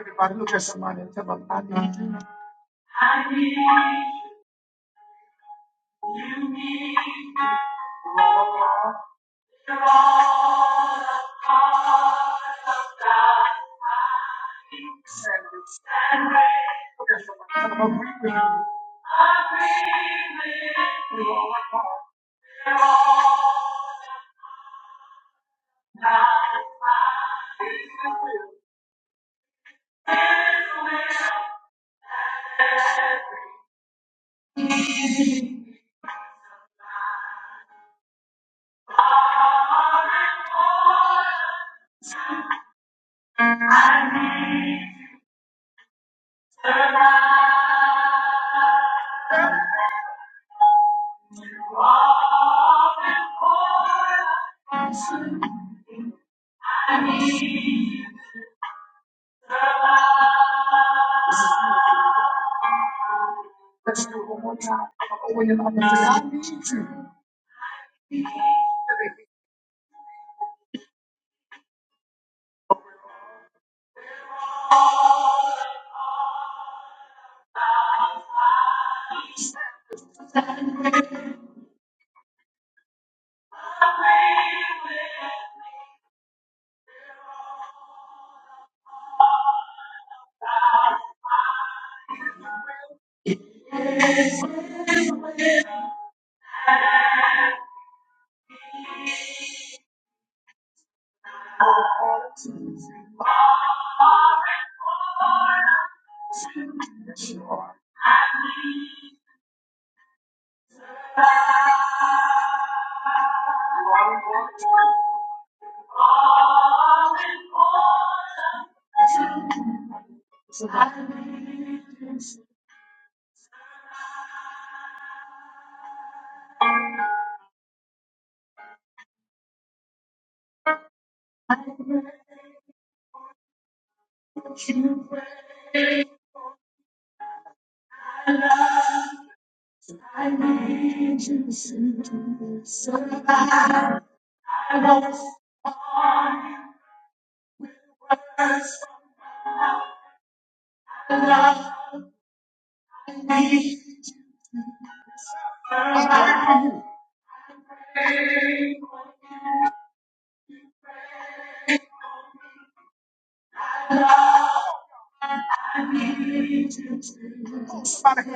Everybody look at somebody and tell them, I need you. You're all a part of God's body. Stand ready. Look at somebody. and Tell them, agree with me. We are all a part. You're all They're one body. His will. His will. You are all important to God. i need you. You are. You So I need you, praise I need you. Somebody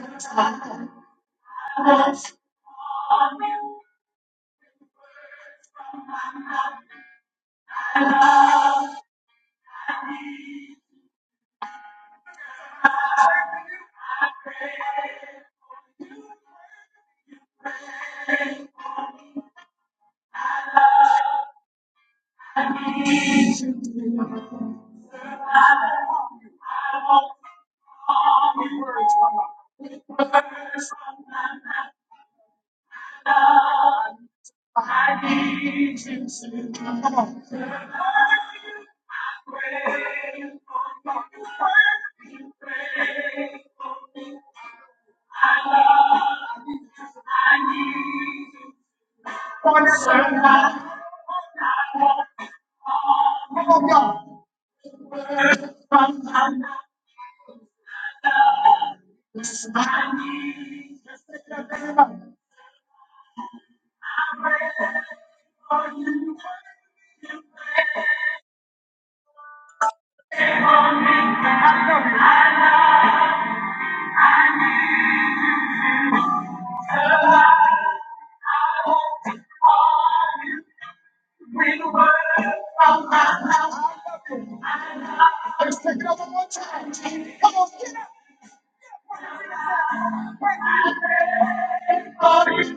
Let's take it up one more time. Come on, get up.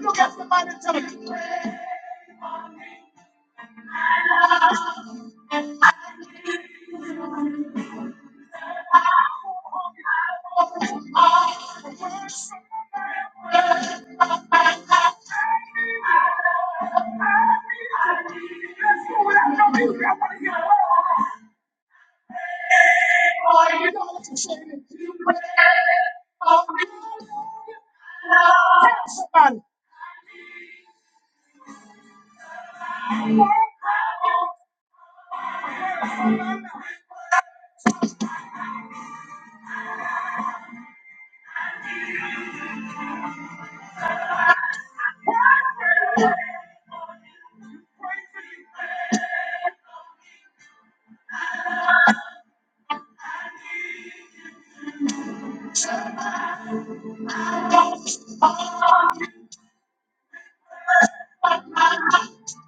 Look at somebody and tell them, Somebody,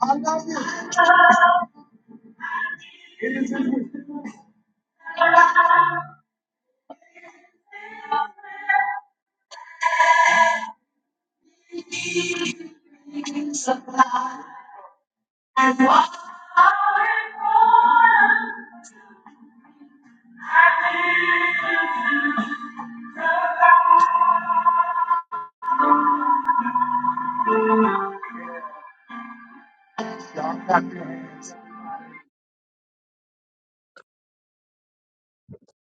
I love you.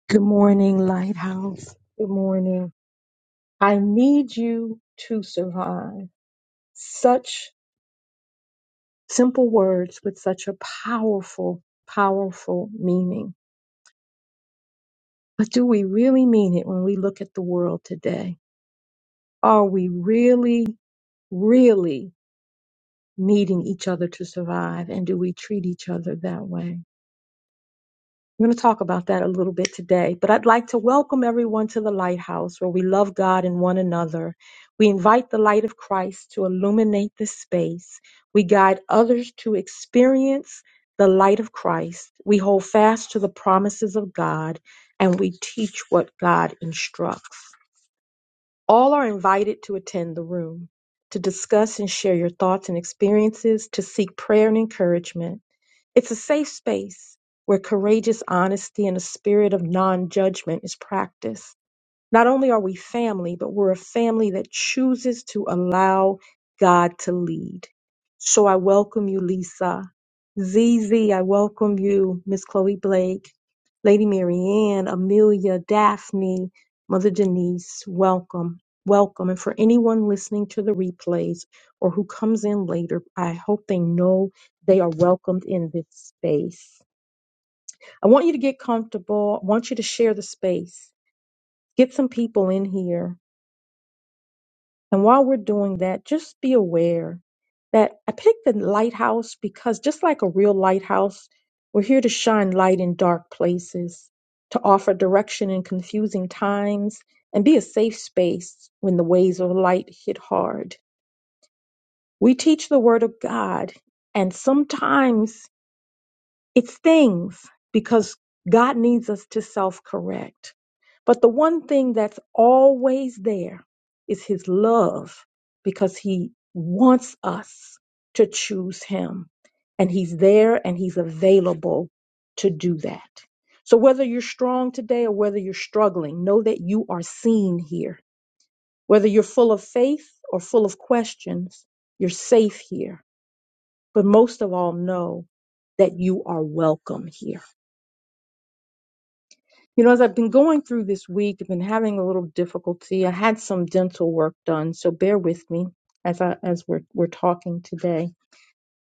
Good morning, Lighthouse. Good morning. I need you to survive. Such simple words with such a powerful, powerful meaning. But do we really mean it when we look at the world today? Are we really, really needing each other to survive? And do we treat each other that way? We're going to talk about that a little bit today, but I'd like to welcome everyone to the lighthouse where we love God and one another. We invite the light of Christ to illuminate this space. We guide others to experience the light of Christ. We hold fast to the promises of God and we teach what God instructs. All are invited to attend the room, to discuss and share your thoughts and experiences, to seek prayer and encouragement. It's a safe space where courageous honesty and a spirit of non judgment is practiced. Not only are we family, but we're a family that chooses to allow God to lead. So I welcome you, Lisa. ZZ, I welcome you, Miss Chloe Blake, Lady Marianne, Amelia, Daphne, Mother Denise. Welcome. Welcome. And for anyone listening to the replays or who comes in later, I hope they know they are welcomed in this space. I want you to get comfortable. I want you to share the space. Get some people in here And while we're doing that, just be aware that I picked the lighthouse because just like a real lighthouse, we're here to shine light in dark places, to offer direction in confusing times, and be a safe space when the waves of light hit hard. We teach the Word of God, and sometimes it stings because God needs us to self correct. But the one thing that's always there is His love because He wants us to choose Him. And He's there and He's available to do that. So whether you're strong today or whether you're struggling, know that you are seen here. Whether you're full of faith or full of questions, you're safe here. But most of all, know that you are welcome here. You know, as I've been going through this week, I've been having a little difficulty. I had some dental work done, so bear with me as I as we're we're talking today.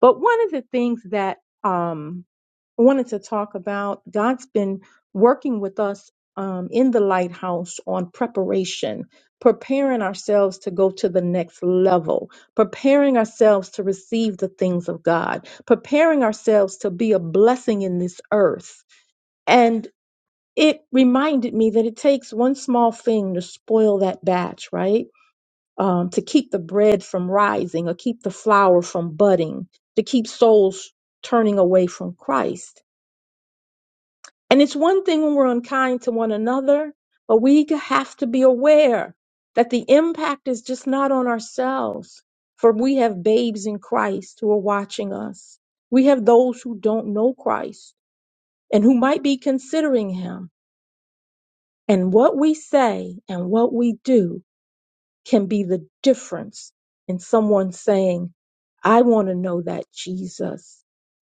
But one of the things that um I wanted to talk about, God's been working with us um, in the lighthouse on preparation, preparing ourselves to go to the next level, preparing ourselves to receive the things of God, preparing ourselves to be a blessing in this earth. and it reminded me that it takes one small thing to spoil that batch, right? Um, to keep the bread from rising or keep the flower from budding, to keep souls turning away from Christ. And it's one thing when we're unkind to one another, but we have to be aware that the impact is just not on ourselves, for we have babes in Christ who are watching us. We have those who don't know Christ and who might be considering him. And what we say and what we do can be the difference in someone saying, I want to know that Jesus,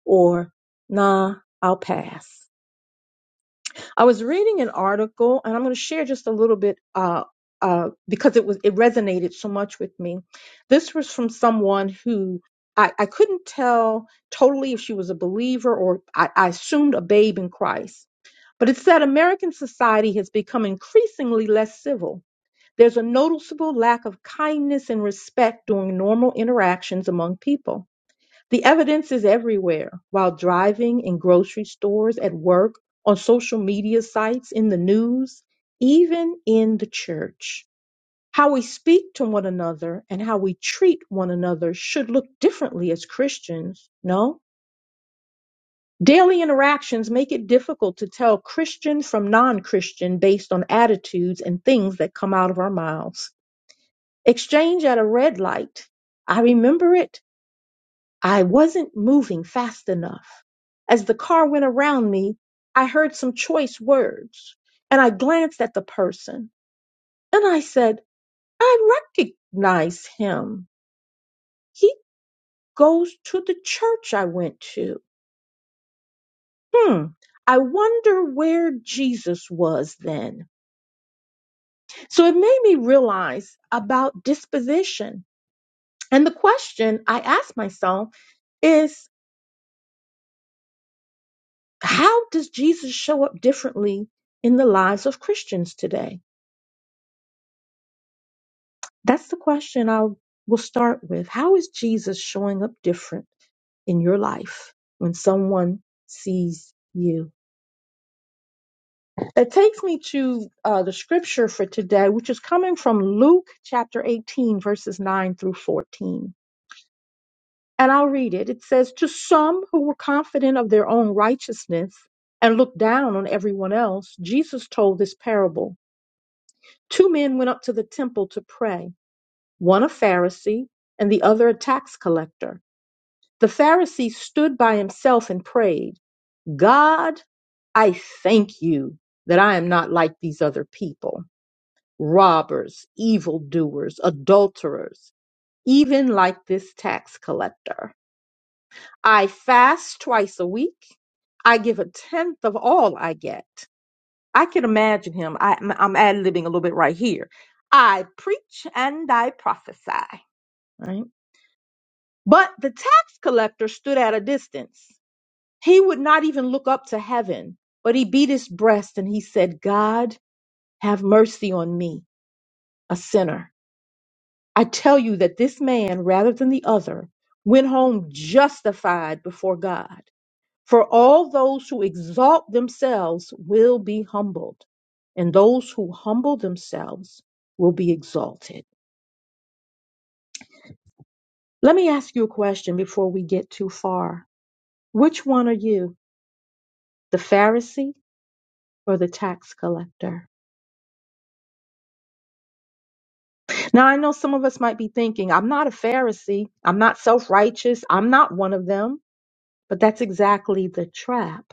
or nah, I'll pass. I was reading an article and I'm going to share just a little bit, uh, uh, because it was, it resonated so much with me. This was from someone who I, I couldn't tell totally if she was a believer or I, I assumed a babe in Christ. But it said American society has become increasingly less civil there's a noticeable lack of kindness and respect during normal interactions among people. The evidence is everywhere while driving, in grocery stores, at work, on social media sites, in the news, even in the church. How we speak to one another and how we treat one another should look differently as Christians, no? Daily interactions make it difficult to tell Christian from non Christian based on attitudes and things that come out of our mouths. Exchange at a red light. I remember it. I wasn't moving fast enough. As the car went around me, I heard some choice words and I glanced at the person and I said, I recognize him. He goes to the church I went to. Hmm. I wonder where Jesus was then. So it made me realize about disposition. And the question I asked myself is. How does Jesus show up differently in the lives of Christians today? That's the question I will start with. How is Jesus showing up different in your life when someone sees you? It takes me to uh, the scripture for today, which is coming from Luke chapter 18, verses 9 through 14. And I'll read it. It says, To some who were confident of their own righteousness and looked down on everyone else, Jesus told this parable. Two men went up to the temple to pray, one a Pharisee and the other a tax collector. The Pharisee stood by himself and prayed, God, I thank you that I am not like these other people, robbers, evildoers, adulterers, even like this tax collector. I fast twice a week. I give a tenth of all I get. I can imagine him. I, I'm, I'm ad-libbing a little bit right here. I preach and I prophesy. Right? But the tax collector stood at a distance. He would not even look up to heaven, but he beat his breast and he said, God, have mercy on me, a sinner. I tell you that this man, rather than the other, went home justified before God. For all those who exalt themselves will be humbled, and those who humble themselves will be exalted. Let me ask you a question before we get too far. Which one are you, the Pharisee or the tax collector? Now, I know some of us might be thinking, I'm not a Pharisee, I'm not self righteous, I'm not one of them, but that's exactly the trap.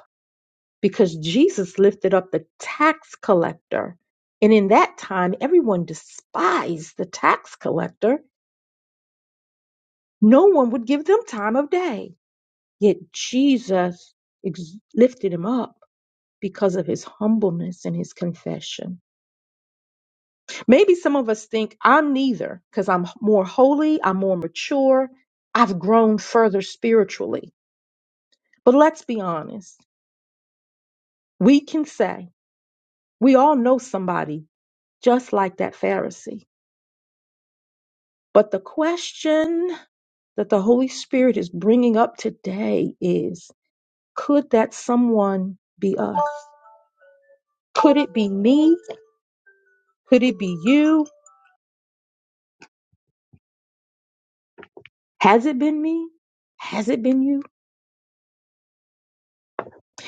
because Jesus lifted up the tax collector. And in that time, everyone despised the tax collector. No one would give them time of day. Yet Jesus ex- lifted him up because of his humbleness and his confession. Maybe some of us think I'm neither because I'm more holy, I'm more mature, I've grown further spiritually. But let's be honest. We can say we all know somebody just like that Pharisee But the question that the Holy Spirit is bringing up today is could that someone be us? Could it be me? Could it be you? Has it been me? Has it been you?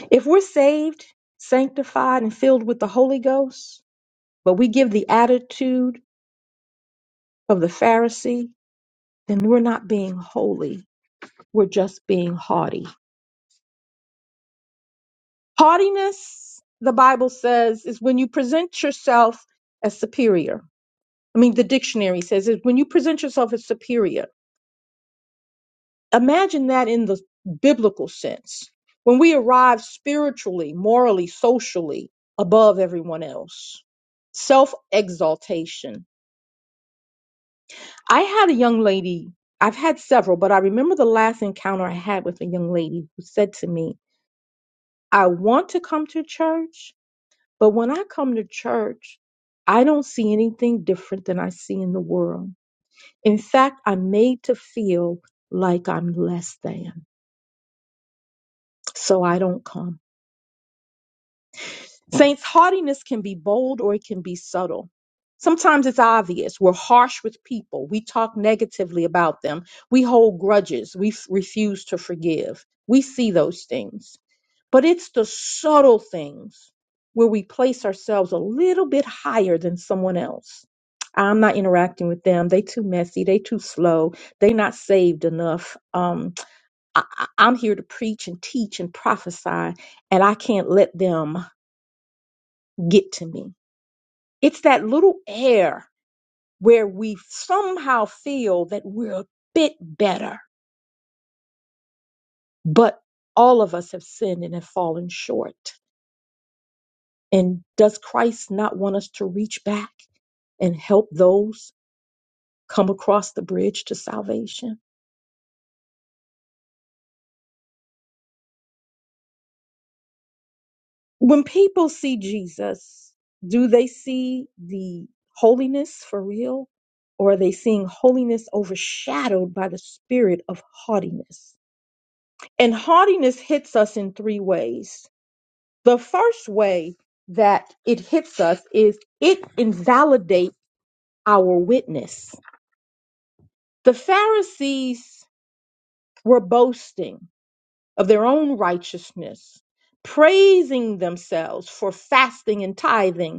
If we're saved, sanctified, and filled with the Holy Ghost, but we give the attitude of the Pharisee, then we're not being holy. We're just being haughty. Haughtiness, the Bible says, is when you present yourself as superior I mean, the dictionary says is when you present yourself as superior. Imagine that in the biblical sense. When we arrive spiritually, morally, socially above everyone else, self exaltation. I had a young lady, I've had several, but I remember the last encounter I had with a young lady who said to me, I want to come to church, but when I come to church, I don't see anything different than I see in the world. In fact, I'm made to feel like I'm less than, so I don't come. Saints, haughtiness can be bold or it can be subtle. Sometimes it's obvious. We're harsh with people. We talk negatively about them. We hold grudges. We f- refuse to forgive. We see those things. But it's the subtle things where we place ourselves a little bit higher than someone else. I'm not interacting with them. They too messy. They too slow. They not saved enough. Um, I, I- I'm here to preach and teach and prophesy, and I can't let them get to me. It's that little air where we somehow feel that we're a bit better, but all of us have sinned and have fallen short. And does Christ not want us to reach back and help those come across the bridge to salvation? When people see Jesus, do they see the holiness for real? Or are they seeing holiness overshadowed by the spirit of haughtiness? And haughtiness hits us in three ways. The first way that it hits us is it invalidates our witness. The Pharisees were boasting of their own righteousness, praising themselves for fasting and tithing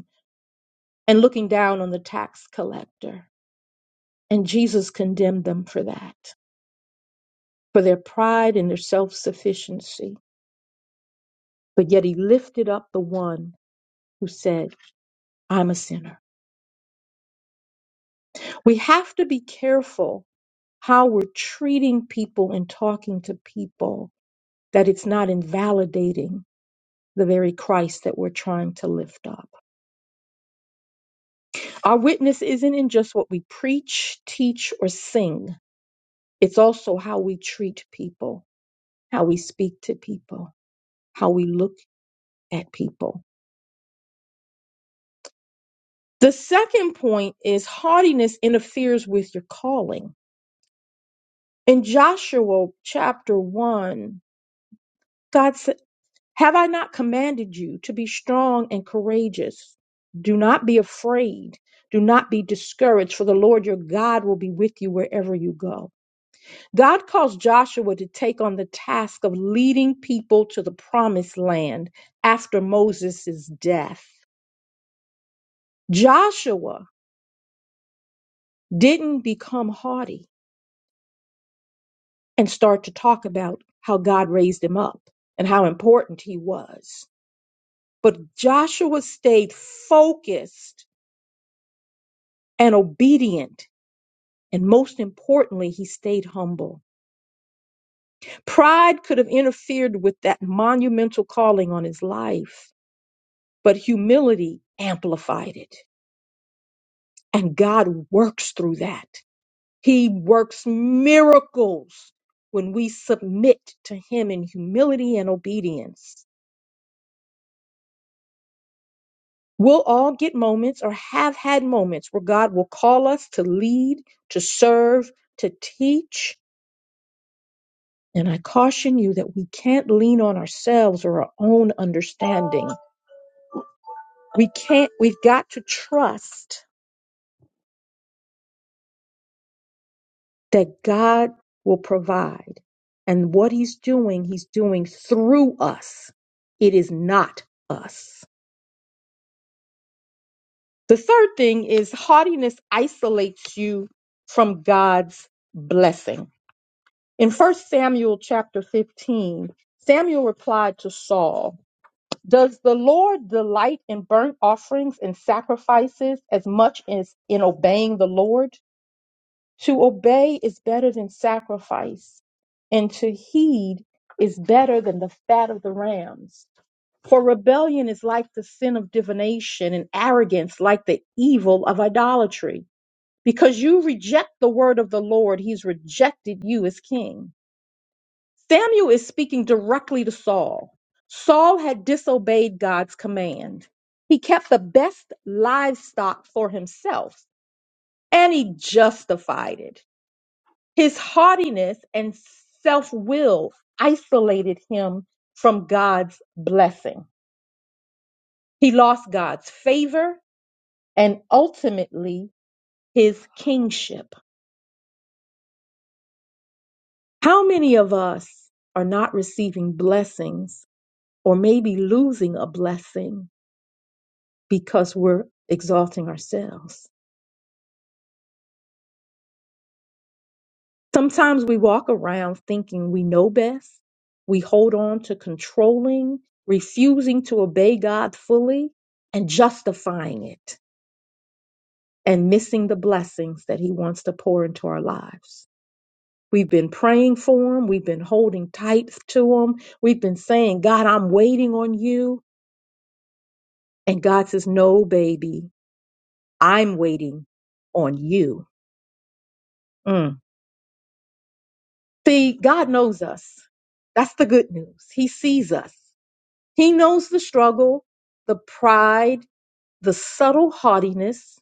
and looking down on the tax collector. And Jesus condemned them for that, for their pride and their self sufficiency. But yet he lifted up the one who said, I'm a sinner. We have to be careful how we're treating people and talking to people, that it's not invalidating the very Christ that we're trying to lift up. Our witness isn't in just what we preach, teach, or sing, it's also how we treat people, how we speak to people. how we look at people. The second point is haughtiness interferes with your calling. In Joshua chapter 1, God said, Have I not commanded you to be strong and courageous? Do not be afraid. Do not be discouraged, for the Lord your God will be with you wherever you go. God calls Joshua to take on the task of leading people to the promised land after Moses' death. Joshua didn't become haughty and start to talk about how God raised him up and how important he was. But Joshua stayed focused and obedient. And most importantly, he stayed humble. Pride could have interfered with that monumental calling on his life, but humility amplified it. And God works through that. He works miracles when we submit to him in humility and obedience. We'll all get moments or have had moments where God will call us to lead, to serve, to teach. And I caution you that we can't lean on ourselves or our own understanding. We can't, we've got to trust that God will provide. And what He's doing, He's doing through us. It is not us. The third thing is haughtiness isolates you from God's blessing In 1 Samuel chapter 15, Samuel replied to Saul, Does the Lord delight in burnt offerings and sacrifices as much as in obeying the Lord? To obey is better than sacrifice, and to heed is better than the fat of the rams. For rebellion is like the sin of divination, and arrogance like the evil of idolatry. Because you reject the word of the Lord, he's rejected you as king. Samuel is speaking directly to Saul. Saul had disobeyed God's command. He kept the best livestock for himself and he justified it. His haughtiness and self will isolated him from God's blessing. He lost God's favor and ultimately his kingship. How many of us are not receiving blessings or maybe losing a blessing because we're exalting ourselves. Sometimes we walk around thinking we know best. We hold on to controlling, refusing to obey God fully, and justifying it and missing the blessings that He wants to pour into our lives. We've been praying for Him, we've been holding tight to Him, we've been saying, God, I'm waiting on you. And God says, No, baby, I'm waiting on you. Mm. See, God knows us. That's the good news. He sees us. He knows the struggle, the pride, the subtle haughtiness,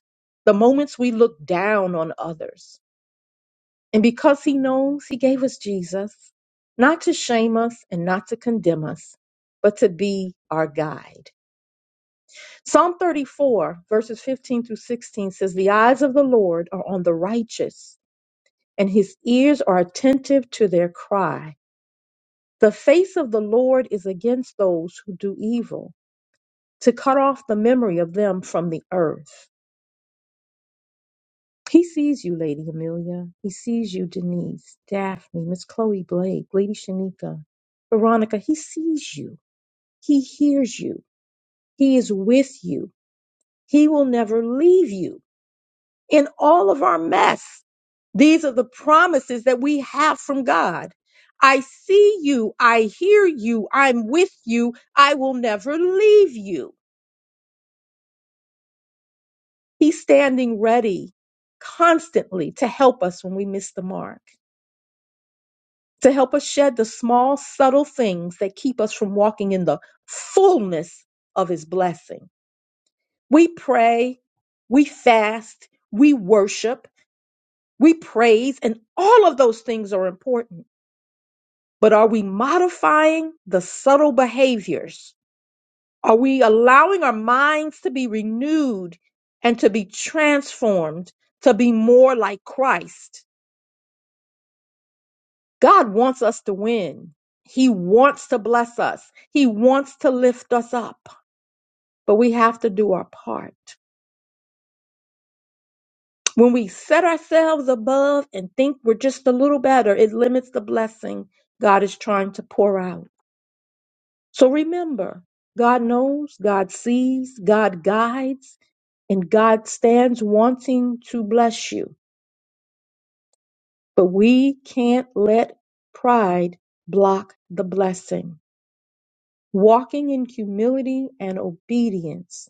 the moments we look down on others. And because He knows, He gave us Jesus, not to shame us and not to condemn us, but to be our guide. Psalm 34, verses 15 through 16 says, The eyes of the Lord are on the righteous, and His ears are attentive to their cry. The face of the Lord is against those who do evil, to cut off the memory of them from the earth. He sees you, Lady Amelia. He sees you, Denise, Daphne, Miss Chloe Blake, Lady Shanika, Veronica. He sees you. He hears you. He is with you. He will never leave you in all of our mess. These are the promises that we have from God. I see you. I hear you. I'm with you. I will never leave you. He's standing ready constantly to help us when we miss the mark, to help us shed the small, subtle things that keep us from walking in the fullness of His blessing. We pray, we fast, we worship, we praise, and all of those things are important. But are we modifying the subtle behaviors? Are we allowing our minds to be renewed and to be transformed to be more like Christ? God wants us to win. He wants to bless us. He wants to lift us up, but we have to do our part. When we set ourselves above and think we're just a little better, it limits the blessing God is trying to pour out. So remember, God knows, God sees, God guides, and God stands wanting to bless you. But we can't let pride block the blessing. Walking in humility and obedience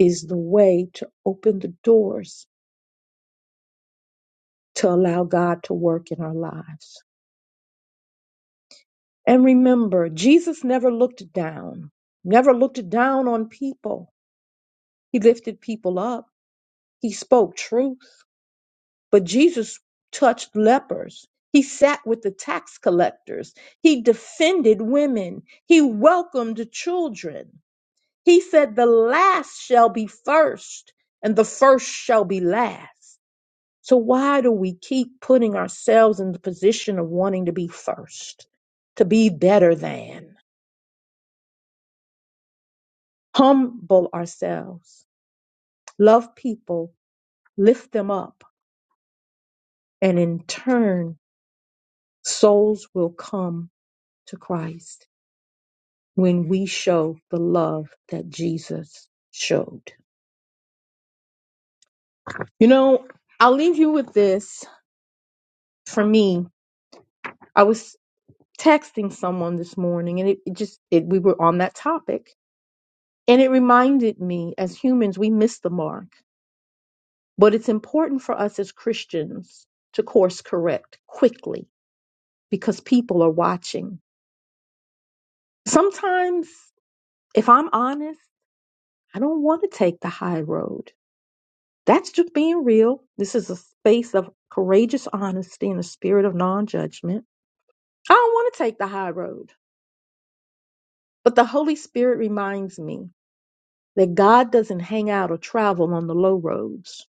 is the way to open the doors to allow God to work in our lives. And remember, Jesus never looked down, never looked down on people. He lifted people up, he spoke truth. But Jesus touched lepers, he sat with the tax collectors, he defended women, he welcomed children. He said, The last shall be first, and the first shall be last. So, why do we keep putting ourselves in the position of wanting to be first, to be better than? Humble ourselves, love people, lift them up, and in turn, souls will come to Christ when we show the love that Jesus showed. You know, I'll leave you with this. For me, I was texting someone this morning and it, it just it, we were on that topic and it reminded me as humans we miss the mark but it's important for us as christians to course correct quickly because people are watching sometimes if i'm honest i don't want to take the high road that's just being real this is a space of courageous honesty and a spirit of non-judgment i don't want to take the high road but the holy spirit reminds me that God doesn't hang out or travel on the low roads.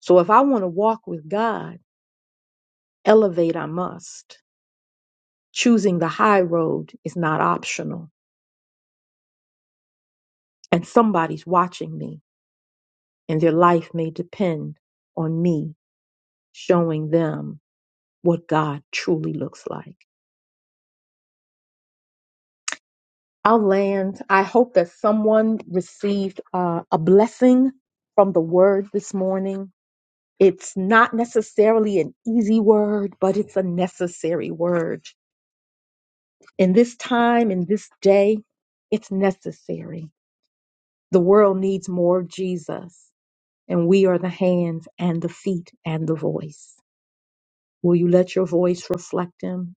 So if I want to walk with God, elevate I must. Choosing the high road is not optional. And somebody's watching me, and their life may depend on me showing them what God truly looks like. I'll land. I hope that someone received uh, a blessing from the word this morning. It's not necessarily an easy word, but it's a necessary word in this time, in this day, it's necessary. The world needs more of Jesus, and we are the hands and the feet and the voice. Will you let your voice reflect Him?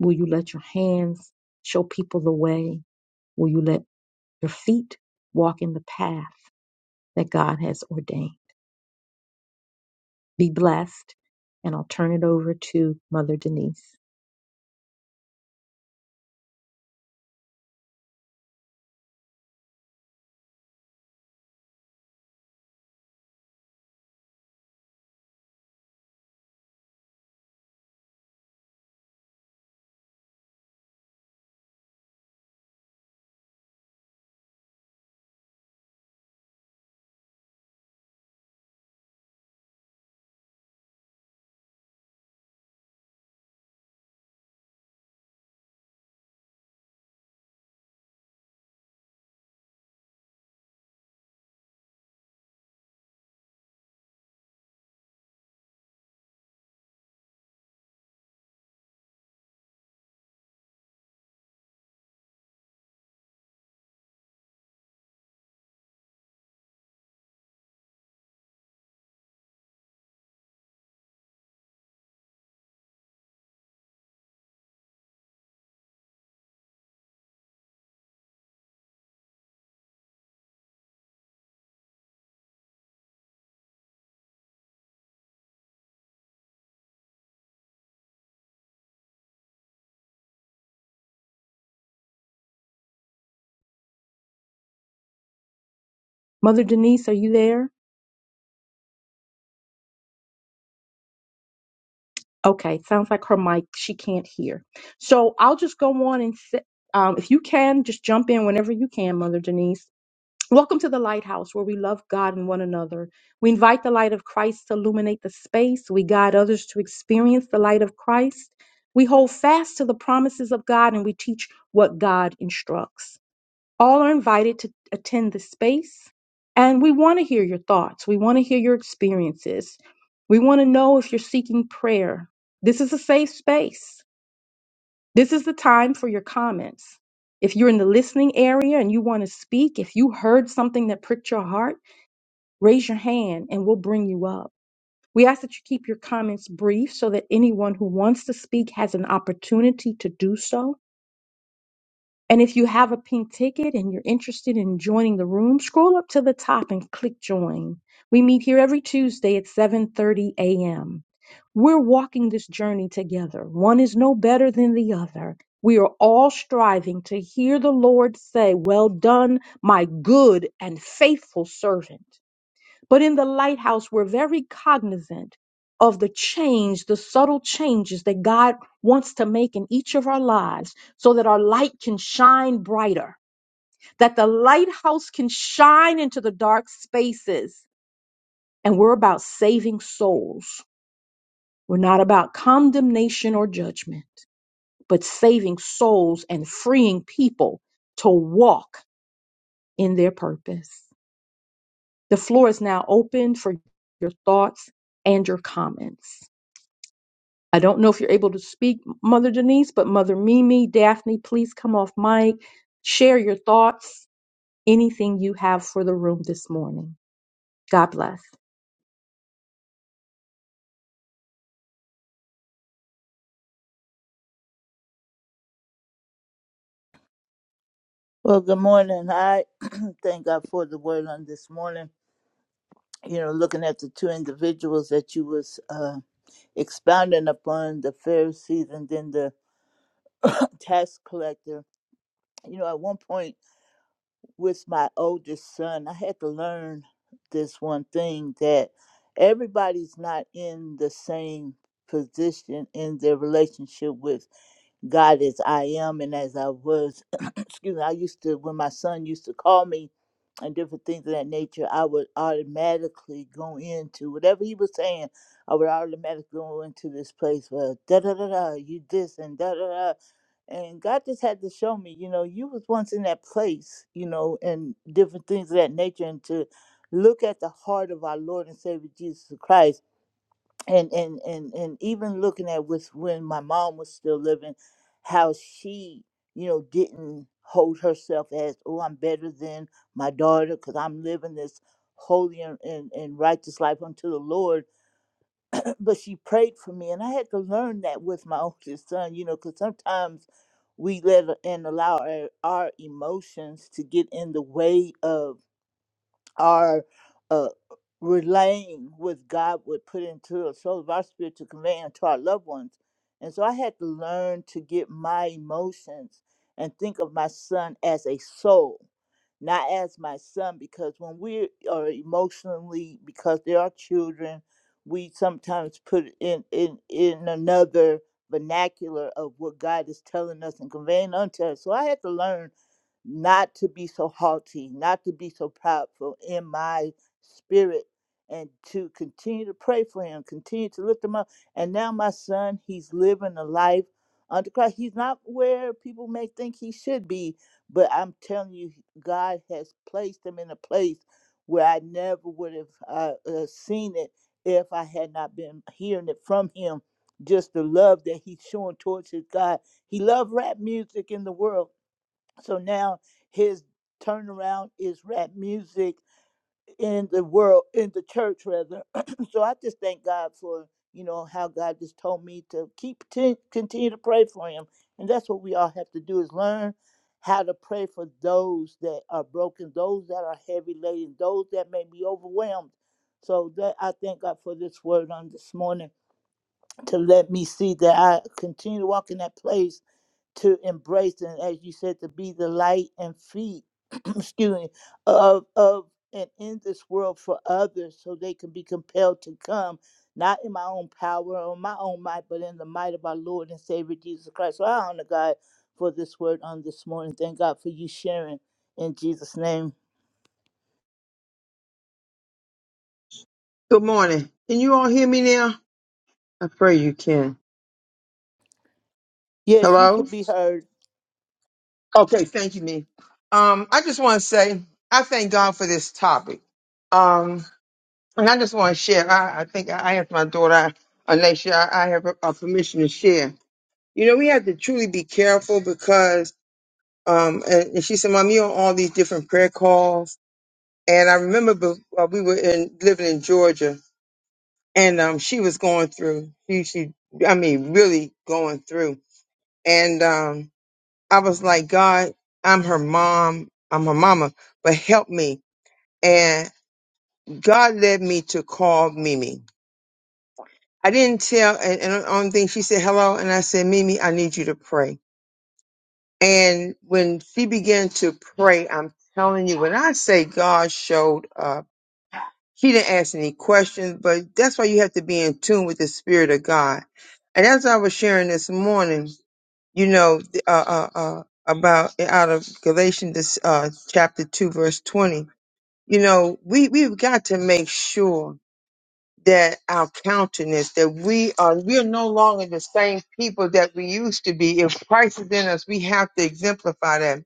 Will you let your hands show people the way? Will you let your feet walk in the path that God has ordained? Be blessed, and I'll turn it over to Mother Denise. Mother Denise, are you there? Okay, sounds like her mic, she can't hear. So I'll just go on and sit. Um, if you can, just jump in whenever you can, Mother Denise. Welcome to the Lighthouse, where we love God and one another. We invite the light of Christ to illuminate the space. We guide others to experience the light of Christ. We hold fast to the promises of God and we teach what God instructs. All are invited to attend the space, and we want to hear your thoughts. We want to hear your experiences. We want to know if you're seeking prayer. This is a safe space. This is the time for your comments. If you're in the listening area and you want to speak, if you heard something that pricked your heart, raise your hand and we'll bring you up. We ask that you keep your comments brief so that anyone who wants to speak has an opportunity to do so. And if you have a pink ticket and you're interested in joining the room, scroll up to the top and click join. We meet here every Tuesday at 7:30 a.m. We're walking this journey together. One is no better than the other. We are all striving to hear the Lord say, "Well done, my good and faithful servant." But in the lighthouse, we're very cognizant of the change, the subtle changes that God wants to make in each of our lives so that our light can shine brighter, that the lighthouse can shine into the dark spaces. And we're about saving souls. We're not about condemnation or judgment, but saving souls and freeing people to walk in their purpose. The floor is now open for your thoughts and your comments. I don't know if you're able to speak, Mother Denise, but Mother Mimi, Daphne, please come off mic, share your thoughts, anything you have for the room this morning. God bless. Well, good morning. I thank God for the word on this morning. You know, looking at the two individuals that you was uh, expounding upon, the Pharisees and then the tax collector. You know, at one point with my oldest son, I had to learn this one thing that everybody's not in the same position in their relationship with God as I am and as I was excuse me, I used to, when my son used to call me and different things of that nature, I would automatically go into whatever he was saying, I would automatically go into this place where da da da da, you this and da da da. And God just had to show me, you know, you was once in that place, you know, and different things of that nature, and to look at the heart of our Lord and Savior Jesus Christ and and and and even looking at with when my mom was still living how she you know didn't hold herself as oh i'm better than my daughter because i'm living this holy and, and, and righteous life unto the lord but she prayed for me and i had to learn that with my oldest son you know because sometimes we let a- and allow our, our emotions to get in the way of are uh, relaying what God would put into the soul of our spirit to convey into our loved ones. And so I had to learn to get my emotions and think of my son as a soul not as my son because when we are emotionally because there are children we sometimes put it in in in another vernacular of what god is telling us and conveying unto us so i had to learn not to be so haughty not to be so proudful in my spirit and to continue to pray for him continue to lift him up and now my son he's living a life under christ he's not where people may think he should be but I'm telling you, God has placed them in a place where I never would have uh, uh, seen it if I had not been hearing it from Him. Just the love that He's showing towards His God. He loved rap music in the world. So now His turnaround is rap music in the world, in the church rather. so I just thank God for, you know, how God just told me to keep t- continue to pray for him. And that's what we all have to do is learn how to pray for those that are broken, those that are heavy laden, those that may be overwhelmed. So that I thank God for this word on this morning to let me see that I continue to walk in that place to embrace and as you said to be the light and feet excuse me of of and in this world for others so they can be compelled to come not in my own power or my own might but in the might of our lord and savior jesus christ so i honor god for this word on this morning thank god for you sharing in jesus name Good morning. Can you all hear me now? I pray you can. yes you Hello? could be heard Okay, thank you, me. Um, I just want to say I thank God for this topic. Um, and I just want to share. I, I think I asked my daughter, Alicia, I, I have a, permission to share. You know, we have to truly be careful because, um, and, and she said, Mom, you're on all these different prayer calls. And I remember be- uh, we were in, living in Georgia and um, she was going through, she, she, I mean, really going through. And um, I was like, God, I'm her mom. I'm her mama, but help me. And God led me to call Mimi. I didn't tell, and, and the only thing she said, hello. And I said, Mimi, I need you to pray. And when she began to pray, I'm telling you, when I say God showed up, she didn't ask any questions, but that's why you have to be in tune with the Spirit of God. And as I was sharing this morning, you know, th- uh, uh, uh, about eh, out of Galatians this, uh, chapter 2, verse 20. You know, we, we've got to make sure that our countenance, that we are, we are no longer the same people that we used to be. If Christ is in us, we have to exemplify that.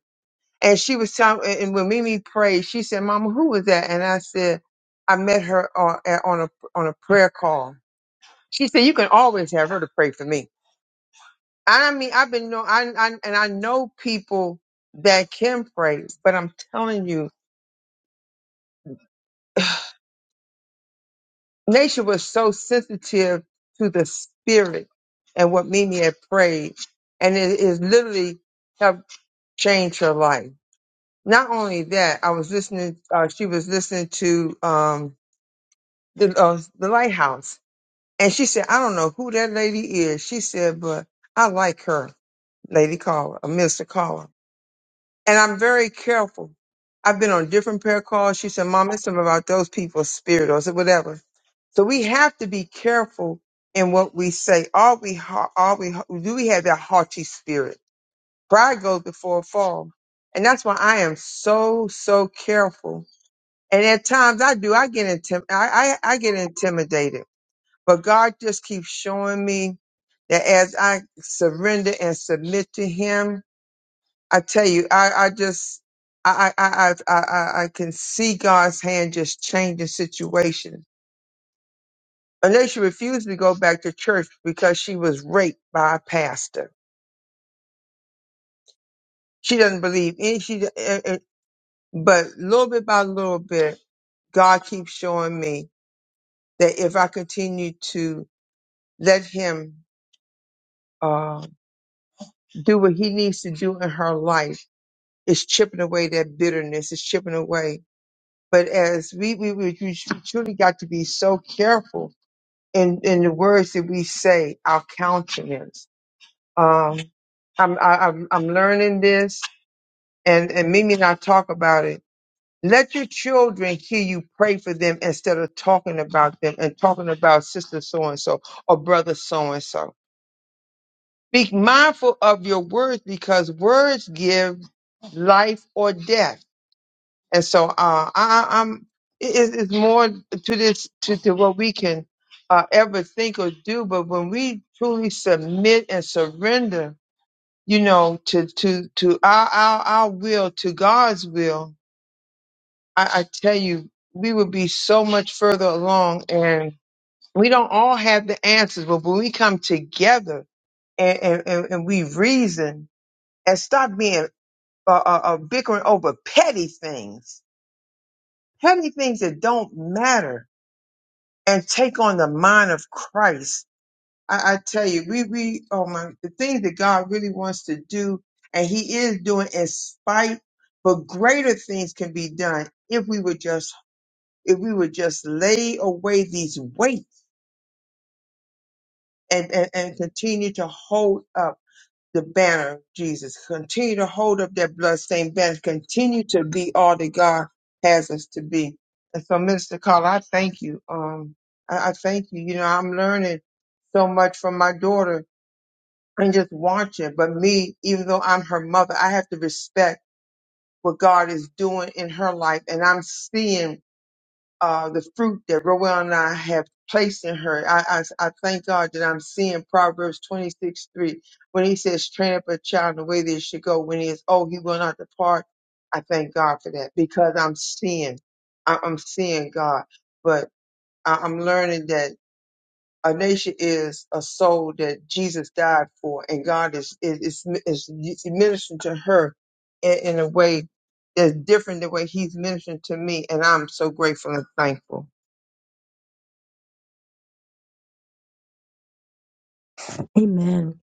And she was telling, and and when Mimi prayed, she said, Mama, who was that? And I said, I met her on, on a, on a prayer call. She said, you can always have her to pray for me. I mean, I've been know, I, I and I know people that can pray, but I'm telling you, Nature was so sensitive to the spirit and what Mimi had prayed, and it is literally helped change her life. Not only that, I was listening. Uh, she was listening to um, the uh, the lighthouse, and she said, "I don't know who that lady is." She said, "But I like her, Lady Caller, or Mister Caller." and I'm very careful. I've been on different prayer calls. She said, Mom, it's about those people's spirit or so- whatever. So we have to be careful in what we say. Are we, ha- are we, do we have that haughty spirit? Pride goes before a fall. And that's why I am so, so careful. And at times I do, I get intim- I, I, I get intimidated, but God just keeps showing me that as I surrender and submit to him, I tell you, I, I just, I, I, I, I, I I can see God's hand just changing situations. Unless she refused to go back to church because she was raped by a pastor. She doesn't believe any, she, eh, eh, eh, but little bit by little bit, God keeps showing me that if I continue to let him, uh, do what he needs to do in her life, it's chipping away that bitterness, it's chipping away. But as we, we, we, we truly got to be so careful in in the words that we say, our countenance. Um, I'm I, I'm I'm learning this, and and Mimi and I talk about it. Let your children hear you pray for them instead of talking about them and talking about sister so and so or brother so and so. Be mindful of your words because words give life or death. And so uh, I, I- I'm it, it's it's more to this to, to what we can uh, ever think or do. But when we truly submit and surrender, you know, to to to our our, our will to God's will, I, I tell you, we would be so much further along. And we don't all have the answers, but when we come together and and, and, and we reason and stop being uh, uh, uh, bickering over petty things petty things that don't matter and take on the mind of Christ. I, I tell you, we, we, oh my, the things that God really wants to do and he is doing in spite, but greater things can be done if we would just, if we would just lay away these weights and, and, and continue to hold up the banner, of Jesus. Continue to hold up that bloodstained banner. Continue to be all that God has us to be. And so, Minister Carla, I thank you. Um, I, I thank you. You know, I'm learning so much from my daughter and just watching. But me, even though I'm her mother, I have to respect what God is doing in her life. And I'm seeing uh, the fruit that Roel and I have placed in her. I, I, I thank God that I'm seeing Proverbs 26 3 when he says, train up a child in the way they should go. When he is old, he will not depart. I thank God for that because I'm seeing, I, I'm seeing God. But I, I'm learning that a nation is a soul that Jesus died for, and God is is, is, is ministering to her in, in a way that's different than the way He's ministering to me, and I'm so grateful and thankful. Amen.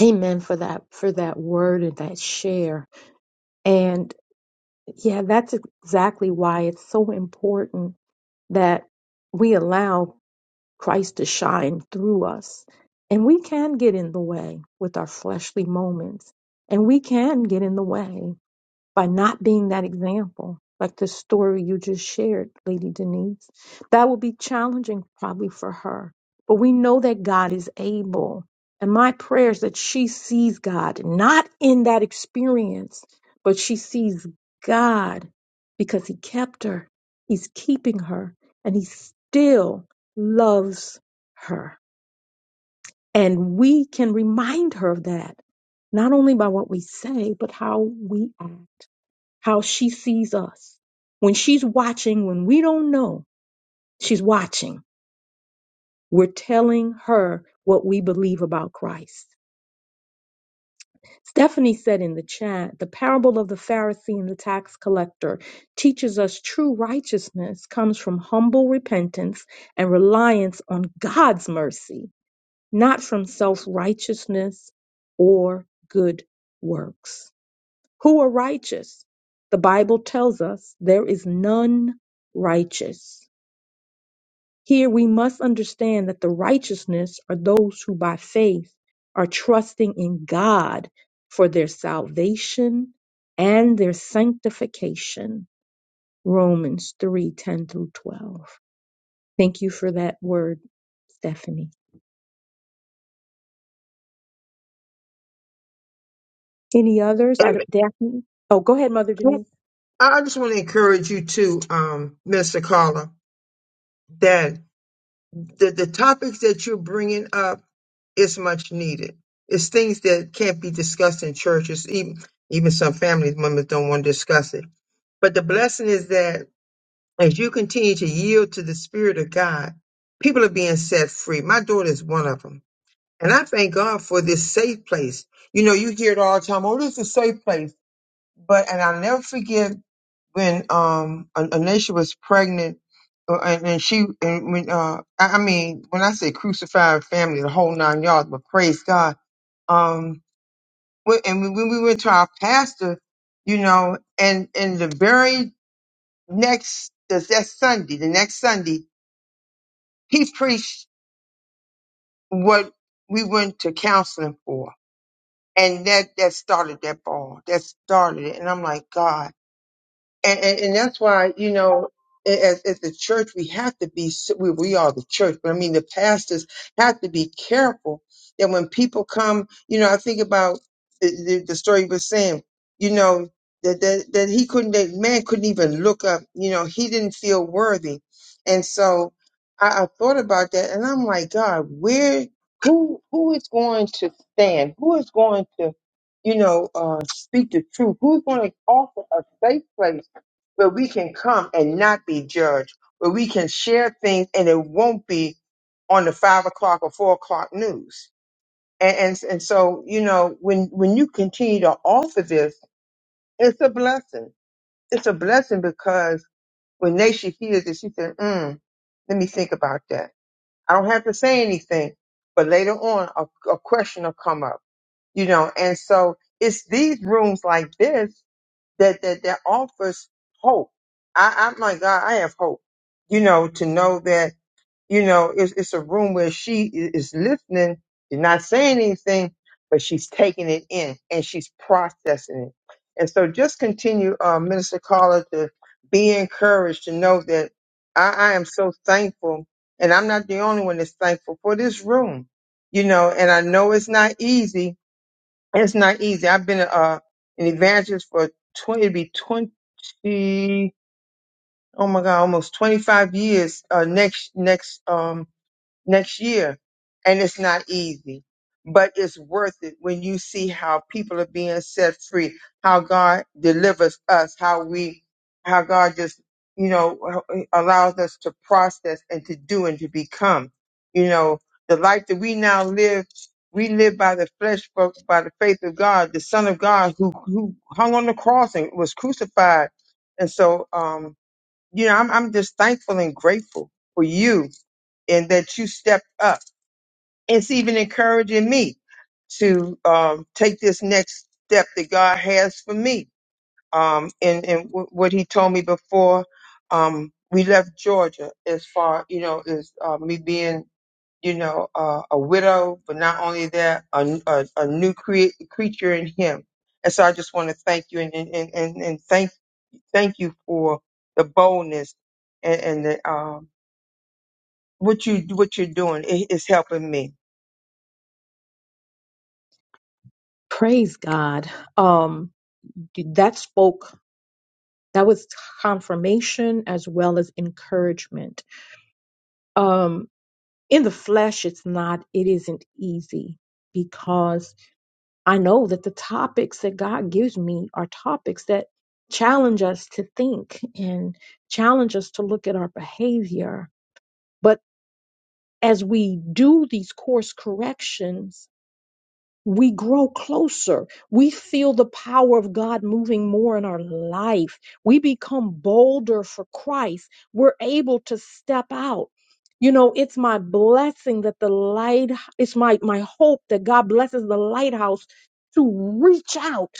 Amen for that for that word and that share. And yeah, that's exactly why it's so important that we allow Christ to shine through us. And we can get in the way with our fleshly moments. And we can get in the way. by not being that example, like the story you just shared, Lady Denise. That will be challenging probably for her. But we know that God is able. And my prayer is that she sees God, not in that experience, but she sees God because He kept her, He's keeping her, and He still loves her. And we can remind her of that, not only by what we say, but how we act how she sees us. When she's watching, when we don't know, she's watching. We're telling her what we believe about Christ. Stephanie said in the chat, the parable of the Pharisee and the tax collector teaches us true righteousness comes from humble repentance and reliance on God's mercy, not from self righteousness or good works. Who are righteous? The Bible tells us there is none righteous. Here we must understand that the righteousness are those who by faith are trusting in God for their salvation and their sanctification. Romans 3 10 through 12. Thank you for that word, Stephanie. Any others? I And don't, Daphne? Oh, go ahead, Mother Denise. I just want to encourage you too, um, Mr. Carla, that the, the topics that you're bringing up is much needed. It's things that can't be discussed in churches. Even, even some family members don't want to discuss it. But the blessing is that as you continue to yield to the Spirit of God, people are being set free. My daughter is one of them. And I thank God for this safe place. You know, you hear it all the time. Oh, this is a safe place. But, and I'll never forget when um An- Anisha was pregnant, uh, and, and she and when uh I, I mean when I say crucified family, the whole nine yards, but praise God. Um, when, and when when we went to our pastor, you know, and and the very next that's that Sunday, the next Sunday, he preached what we went to counseling for, and that that started that ball, that started it, and I'm like God. and, and, and that's why you know a- as, as the church we have to be s- we, we are the church but i mean the pastors have to be careful that when people come you know i think about the, the, the story you were saying you know that, that that he couldn't that man couldn't even look up you know he didn't feel worthy and so i, I thought about that and i'm like god where who who is going to stand who is going to you know uh speak the truth who's going to offer a safe place where we can come and not be judged, where we can share things and it won't be on the five o'clock or four o'clock news. And, and and so you know when when you continue to offer this, it's a blessing. It's a blessing because when Naisha hears it, she said, mm, "Let me think about that." I don't have to say anything, but later on, a, a question will come up. You know, and so it's these rooms like this that that that offers hope. I, I'm like God, I have hope. You know, to know that you know it's, it's a room where she i- is listening, she's not saying anything, but she's taking it in and she's processing it. And so, just continue, uh, Minister Carla, to be encouraged to know that I, I am so thankful, and I'm not the only one that's thankful for this room. You know, and I know it's not easy it's not easy. I've been uh, an evangelist for 20, it'll be 20, oh my God, almost 25 years uh, next, next, um, next year. And it's not easy, but it's worth it when you see how people are being set free, how God delivers us, how we, how God just, you know, uh, allows us to process and to do and to become. You know, the life that we now live, we live by the flesh, but by the faith of God, the Son of God who, who hung on the cross and was crucified. And so, um, you know, I'm, I'm just thankful and grateful for you and that you stepped up. It's even encouraging me to um, take this next step that God has for me. Um, and and w- what He told me before um, we left Georgia, as far you know, as uh, me being you know uh, a widow, but not only that, a, a, a new crea- creature in Him. And so I just want to thank you and and, and, and and thank thank you for the boldness and, and the um, what you what you're doing. It, it's helping me Praise God. Um, that spoke That was confirmation as well as encouragement. Um, in the flesh, it's not, it isn't easy because I know that the topics that God gives me are topics that challenge us to think and challenge us to look at our behavior. But as we do these course corrections, we grow closer. We feel the power of God moving more in our life. We become bolder for Christ. We're able to step out. You know, it's my blessing that the light, it's my, my hope that God blesses the lighthouse to reach out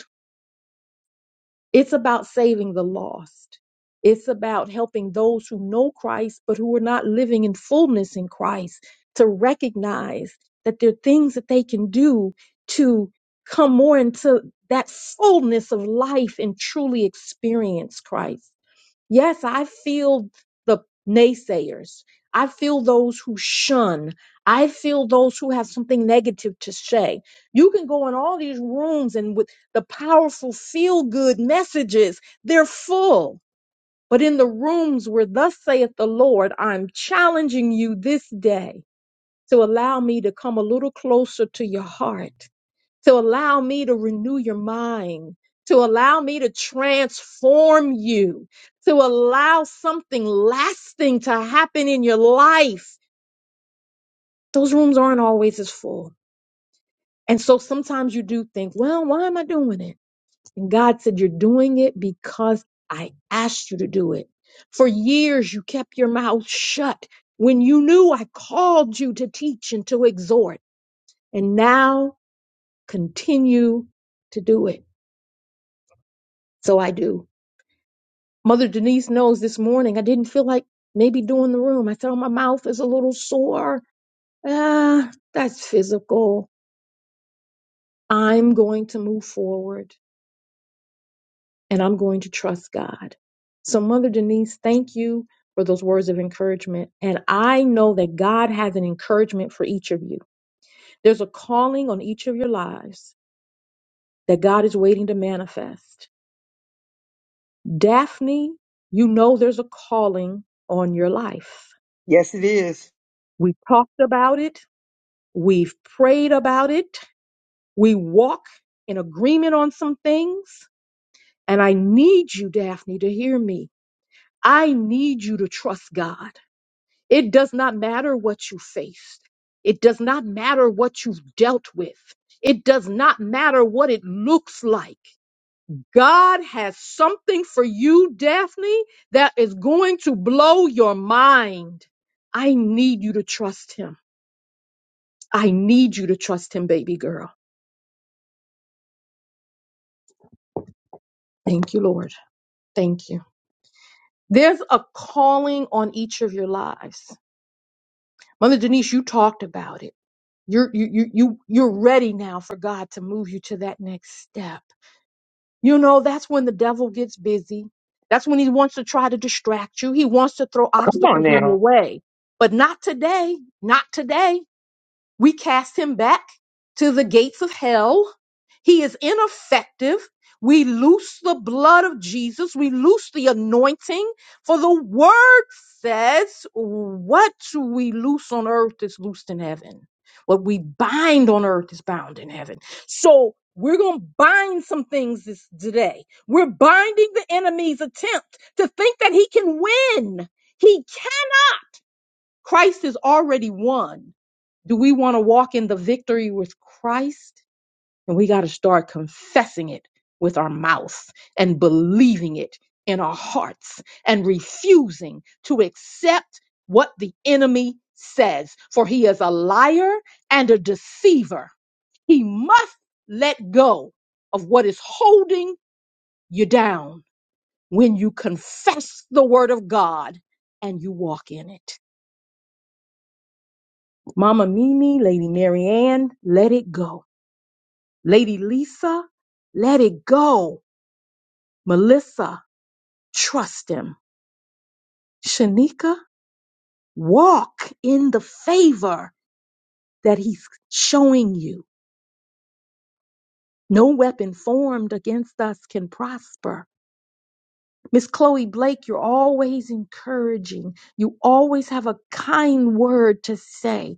it's about saving the lost. It's about helping those who know Christ but who are not living in fullness in Christ to recognize that there are things that they can do to come more into that fullness of life and truly experience Christ. Yes, I feel the naysayers. I feel those who shun. I feel those who have something negative to say. You can go in all these rooms and with the powerful feel good messages, they're full. But in the rooms where thus saith the Lord, I'm challenging you this day to allow me to come a little closer to your heart to allow me to renew your mind, to allow me to transform you, to allow something lasting to happen in your life. Those rooms aren't always as full. And so sometimes you do think, well, why am I doing it? And God said, You're doing it because I asked you to do it. For years, you kept your mouth shut when you knew I called you to teach and to exhort. And now continue to do it. So I do. Mother Denise knows this morning I didn't feel like maybe doing the room. I felt my mouth is a little sore. Ah, that's physical. I'm going to move forward and I'm going to trust God. So, Mother Denise, thank you for those words of encouragement. And I know that God has an encouragement for each of you. There's a calling on each of your lives that God is waiting to manifest. Daphne, you know there's a calling on your life. Yes, it is. We talked about it We've prayed about it. We walk in agreement on some things. And I need you, Daphne, to hear me. I need you to trust God. It does not matter what you faced. It does not matter what you've dealt with. It does not matter what it looks like. God has something for you, Daphne, that is going to blow your mind. I need you to trust him. I need you to trust him, baby girl. Thank you, Lord. Thank you. There's a calling on each of your lives. Mother Denise, you talked about it. You're you you you you're ready now for God to move you to that next step. You know, that's when the devil gets busy. That's when he wants to try to distract you. He wants to throw Come on obstacles in now. your way. But not today. Not today. We cast him back to the gates of hell. He is ineffective. We loose the blood of Jesus. We loose the anointing. For the word says, what we loose on earth is loosed in heaven. What we bind on earth is bound in heaven. So we're going to bind some things this today. We're binding the enemy's attempt to think that he can win. He can. Christ has already won. Do we want to walk in the victory with Christ? And we got to start confessing it with our mouth and believing it in our hearts and refusing to accept what the enemy says, for he is a liar and a deceiver. He must let go of what is holding you down when you confess the word of God and you walk in it. Mama Mimi, Lady Marianne, let it go Lady Lisa, let it go. Melissa, trust him. Shanika, walk in the favor that he's showing you. No weapon formed against us can prosper. Miss Chloe Blake, you're always encouraging. You always have a kind word to say.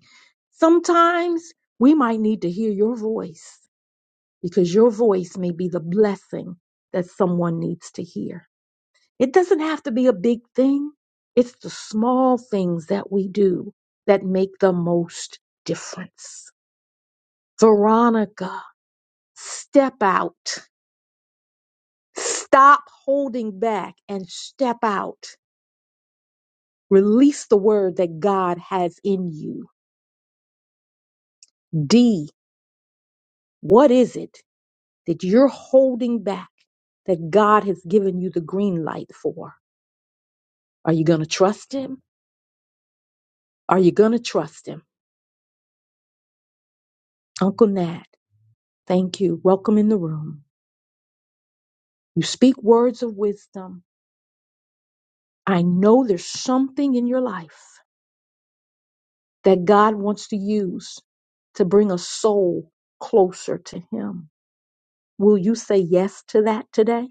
Sometimes we might need to hear your voice because your voice may be the blessing that someone needs to hear. It doesn't have to be a big thing. It's the small things that we do that make the most difference. Veronica, step out. Stop holding back and step out. Release the word that God has in you. D, what is it that you're holding back that God has given you the green light for? Are you going to trust Him? Are you going to trust Him? Uncle Nat, thank you. Welcome in the room. You speak words of wisdom. I know there's something in your life that God wants to use to bring a soul closer to Him. Will you say yes to that today?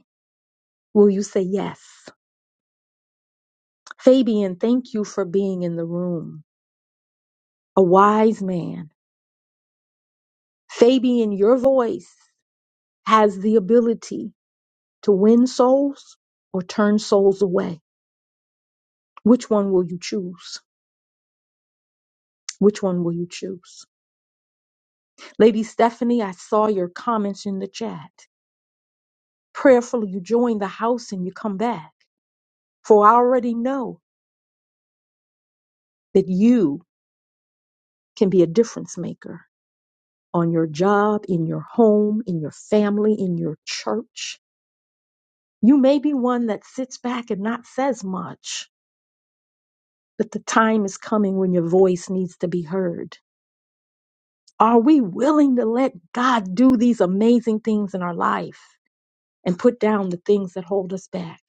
Will you say yes? Fabian, thank you for being in the room. A wise man. Fabian, your voice has the ability to win souls or turn souls away. Which one will you choose? Which one will you choose? Lady Stephanie, I saw your comments in the chat. Prayerfully, you join the house and you come back. For I already know that you can be a difference maker on your job, in your home, in your family, in your church. You may be one that sits back and not says much, but the time is coming when your voice needs to be heard. Are we willing to let God do these amazing things in our life? and put down the things that hold us back.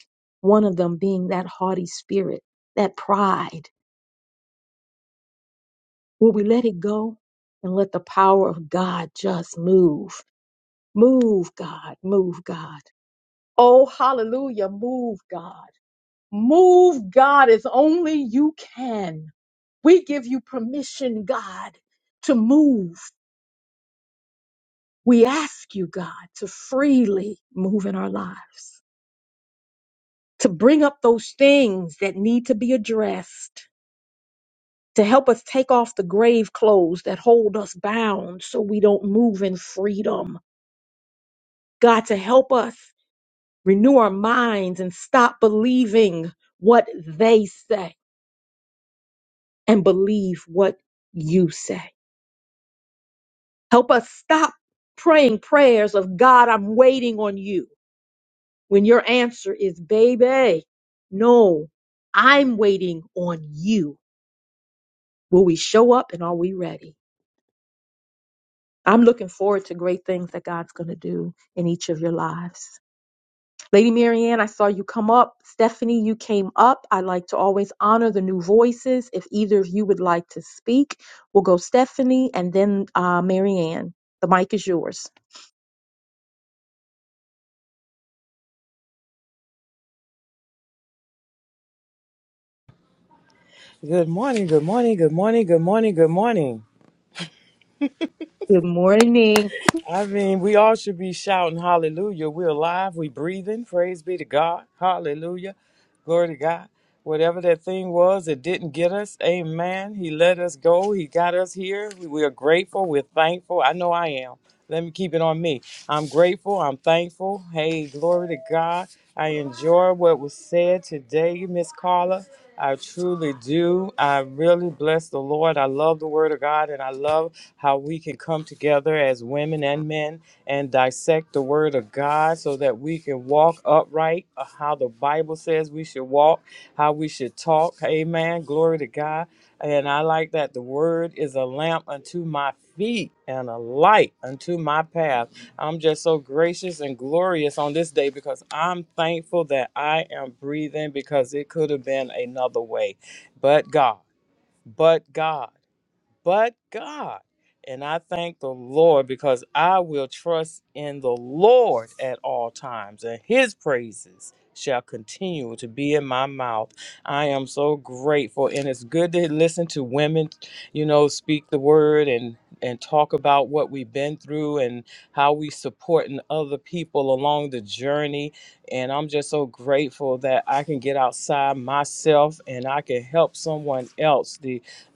One of them being that haughty spirit, that pride. Will we let it go and let the power of God just move? Move, God, move, God. Oh, hallelujah, move, God. Move, God, as only you can. We give you permission, God, to move. We ask you, God, to freely move in our lives, to bring up those things that need to be addressed to help us take off the grave clothes that hold us bound so we don't move in freedom. God, to help us renew our minds and stop believing what they say and believe what you say. Help us stop praying prayers of God, I'm waiting on you when your answer is, baby, no, I'm waiting on you. Will we show up and are we ready? I'm looking forward to great things that God's going to do in each of your lives. Lady Marianne, I saw you come up. Stephanie, you came up. I like to always honor the new voices. If either of you would like to speak, we'll go Stephanie and then uh, Marianne. The mic is yours. Good morning, good morning, good morning, good morning, good morning. Good morning. I mean, we all should be shouting hallelujah. We're alive, we're breathing. Praise be to God. Hallelujah. Glory to God. Whatever that thing was that didn't get us, amen. He let us go. He got us here. We we are grateful. We're thankful. I know I am. Let me keep it on me. I'm grateful. I'm thankful. Hey, glory to God. I enjoy what was said today, Miss Carla. I truly do. I really bless the Lord. I love the Word of God, and I love how we can come together as women and men and dissect the Word of God so that we can walk upright, uh, how the Bible says we should walk, how we should talk. Amen. Glory to God. And I like that the word is a lamp unto my feet and a light unto my path. I'm just so gracious and glorious on this day because I'm thankful that I am breathing because it could have been another way. But God, but God but God. And I thank the Lord because I will trust in the Lord at all times, and his praises shall continue to be in my mouth. I am so grateful, and it's good to listen to women, you know, speak the word and and talk about what we've been through and how we supporting other people along the journey. And I'm just so grateful that I can get outside myself and I can help someone else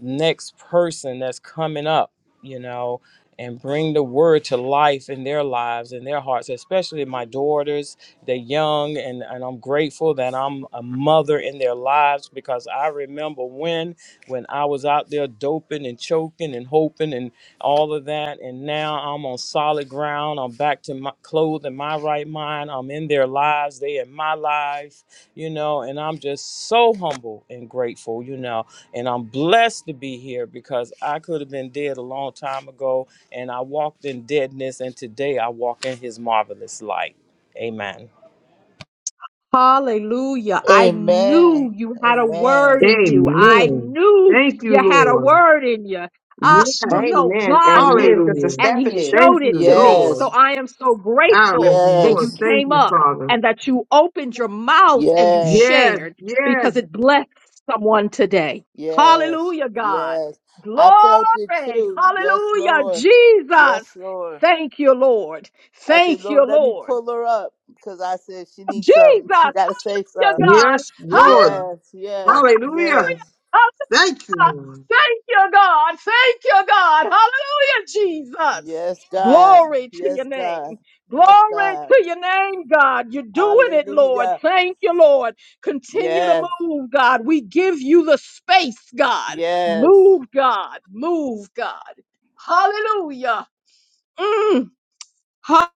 next person that's coming up, you know, and bring the word to life in their lives and their hearts, especially my daughters. They're young, and, and I'm grateful that I'm a mother in their lives because I remember when, when I was out there doping and choking and hoping and all of that. And now I'm on solid ground. I'm back to my clothed in my right mind. I'm in their lives. They in my life you know, and I'm just so humble and grateful, you know, and I'm blessed to be here because I could have been dead a long time ago and I walked in deadness and today I walk in his marvelous light. Amen. Hallelujah. I amen knew you had a amen word in you. I Amen. knew Thank you you, had a Lord. word in you. Uh, Yes. well, no, Amen. God Amen. knew Sister Hallelujah. and he Stephanie. Thank showed it you, to me. Lord. So yes I am so Our grateful that you yes Lord, thank came you, up Father. and that you opened your mouth and you yes Yes, shared yes, because it blessed someone today. Yes, Hallelujah, God. yes. Glory. I felt it too. Yes, Hallelujah, Lord. Jesus. Yes, Lord. Thank you, Lord. I said, Thank you, Lord, let me Lord. pull her up because I said she needs Jesus, something. She got to say hallelujah, something. God. yes, Hallelujah. Lord. Yes, yes, Hallelujah. yes. Thank you, Lord. Thank you, God. Thank you, God. Hallelujah, Jesus. Yes, God. Glory to your Yes, God. name. Yes, Glory God. to your name, God. You're doing it, Lord. Hallelujah. Thank you, Lord. Continue to Yes, move, God. We give you the space, God. yes. Move, God. Move, God. Hallelujah. Mm. Ha-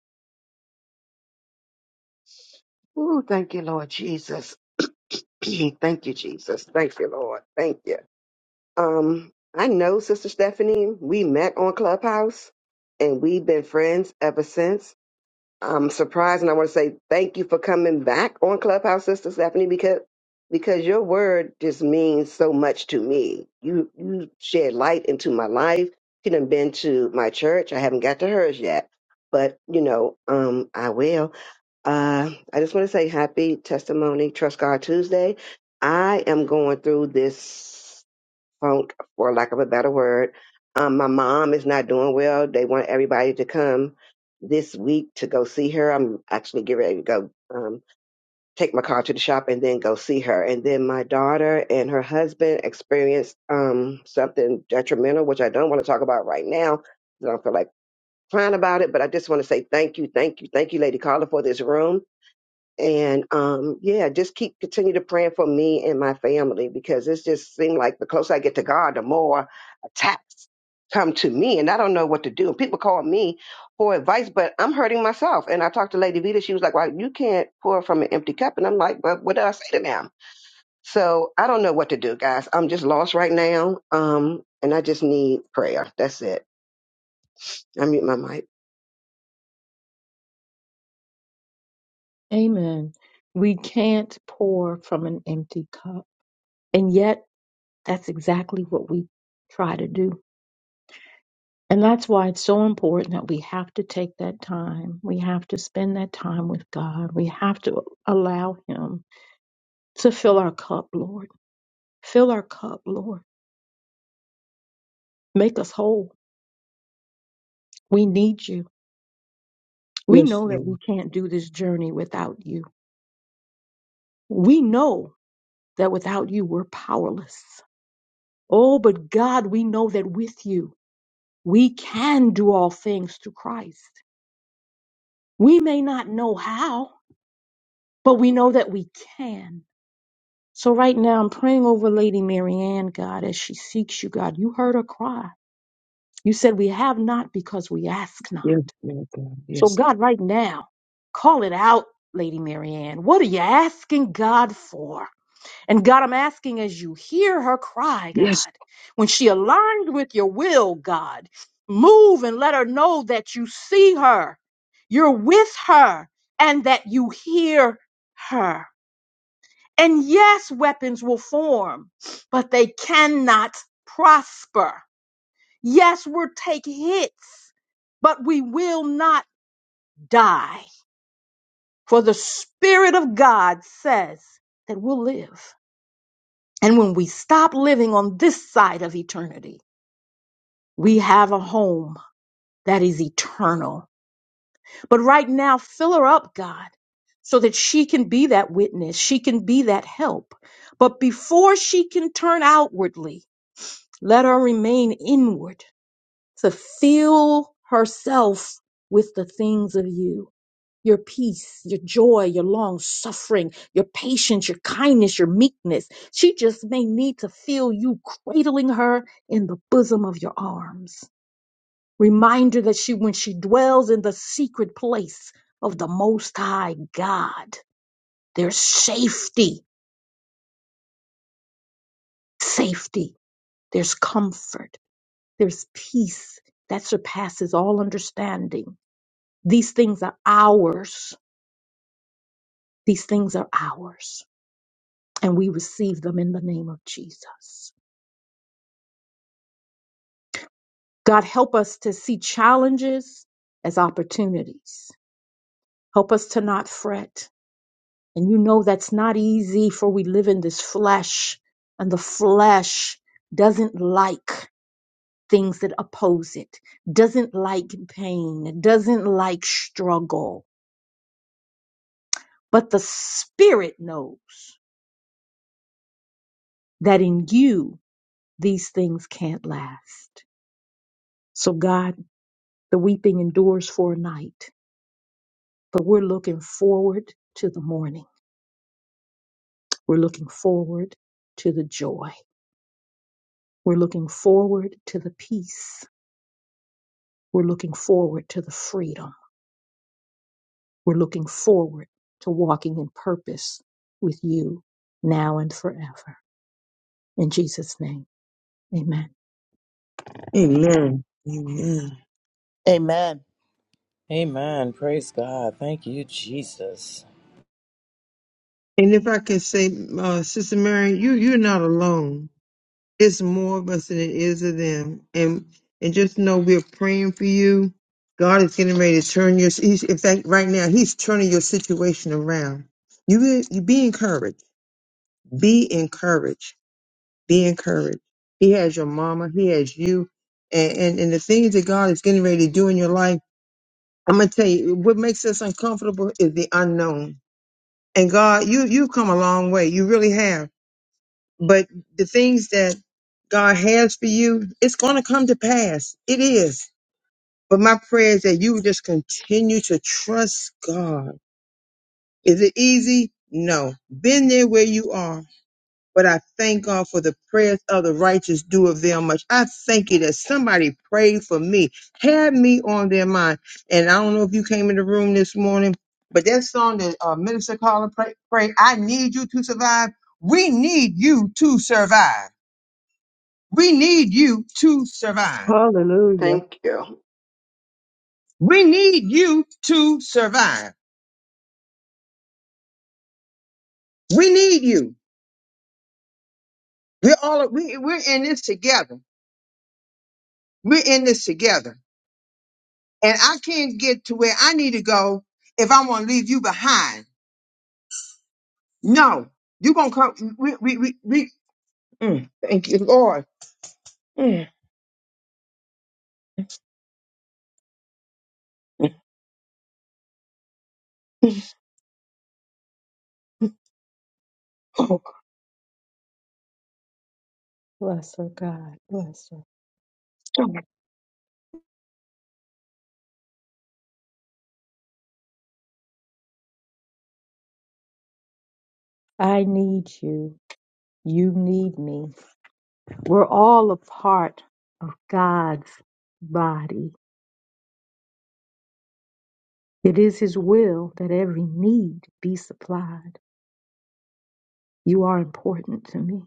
Ooh, thank you, Lord Jesus. thank you, Jesus. Thank you, Lord. Thank you. Um, I know Sister Stephanie, we met on Clubhouse and we've been friends ever since. I'm surprised and I want to say thank you for coming back on Clubhouse, Sister Stephanie, because because your word just means so much to me. You you shed light into my life. She done been to my church. I haven't got to hers yet. But you know, um, I will. Uh, I just want to say happy testimony, Trust God Tuesday. I am going through this funk, for lack of a better word. Um, my mom is not doing well. They want everybody to come this week to go see her. I'm actually getting ready to go um, take my car to the shop and then go see her. And then my daughter and her husband experienced um, something detrimental, which I don't want to talk about right now. I don't feel like crying about it, but I just want to say thank you, thank you, thank you, Lady Carla, for this room and um yeah just keep continue to praying for me and my family because it's just seemed like the closer i get to god the more attacks come to me and i don't know what to do and people call me for advice but i'm hurting myself and i talked to lady vita she was like well you can't pour from an empty cup and i'm like but what do i say to them so i don't know what to do guys i'm just lost right now um and i just need prayer that's it i mute my mic Amen. We can't pour from an empty cup. And yet That's exactly what we try to do. And that's why it's so important that we have to take that time. We have to spend that time with God. We have to allow Him to fill our cup, Lord. Fill our cup, Lord. Make us whole. We need you. We Yes, know that Lord. we can't do this journey without you. We know that without you, we're powerless. Oh, but God, we know that with you, we can do all things through Christ. We may not know how, but we know that we can. So right now, I'm praying over Lady Marianne, God, as she seeks you, God. You heard her cry. You said, We have not because we ask not. Yes, Lord. So, Yes. God, right now, call it out, Lady Marianne. What are you asking God for? And God, I'm asking as you hear her cry, God, Yes. when she aligns with your will, God, move and let her know that you see her, you're with her, and that you hear her. And yes, weapons will form, but they cannot prosper. Yes, we'll take hits, but we will not die. For the Spirit of God says that we'll live. And when we stop living on this side of eternity, we have a home that is eternal. But right now, fill her up, God, so that she can be that witness. She can be that help. But before she can turn outwardly, Let her remain inward to fill herself with the things of you. Your peace, your joy, your long suffering, your patience, your kindness, your meekness. She just may need to feel you cradling her in the bosom of your arms. Reminder that she, when she dwells in the secret place of the Most High God, there's safety, safety, there's comfort, there's peace that surpasses all understanding These things are ours. These things are ours. And we receive them in the name of Jesus. God, help us to see challenges as opportunities. Help us to not fret. And you know that's not easy, for we live in this flesh, and the flesh doesn't like things that oppose it, doesn't like pain, doesn't like struggle. But the spirit knows that in you, these things can't last. So, God, the weeping endures for a night, but we're looking forward to the morning. We're looking forward to the joy. We're looking forward to the peace. We're looking forward to the freedom. We're looking forward to walking in purpose with you now and forever. In Jesus' name, amen. Amen. Amen. Amen. Amen. Praise God. Thank you, Jesus. And if I can say, uh, Sister Mary, you, you're not alone. It's more of us than it is of them. And and just know we're praying for you. God is getting ready to turn your he's, in fact right now he's turning your situation around. You be- you be encouraged. Be encouraged. Be encouraged. He has your mama, he has you. And, and and the things that God is getting ready to do in your life, I'm gonna tell you, what makes us uncomfortable is the unknown. And God, you you've come a long way. You really have But the things that God has for you, it's going to come to pass. It is. But my prayer is that you would just continue to trust God. Is it easy? No. Been there where you are. But I thank God for the prayers of the righteous do of them much. I thank you that somebody prayed for me, had me on their mind. And I don't know if you came in the room this morning, but that song that uh, Minister Carla pray, pray, I need you to survive. We need you to survive. We need you to survive. Hallelujah. thank you We need you to survive. We need you. We're all we we're in this together. We're in this together. And I can't get to where I need to go if I want to leave you behind. No, you're gonna come. We we we, we mm, thank you, Lord. Mm. Oh, Bless her, God. Bless her. God. I need you. You need me. We're all a part of God's body. It is His will that every need be supplied. You are important to me,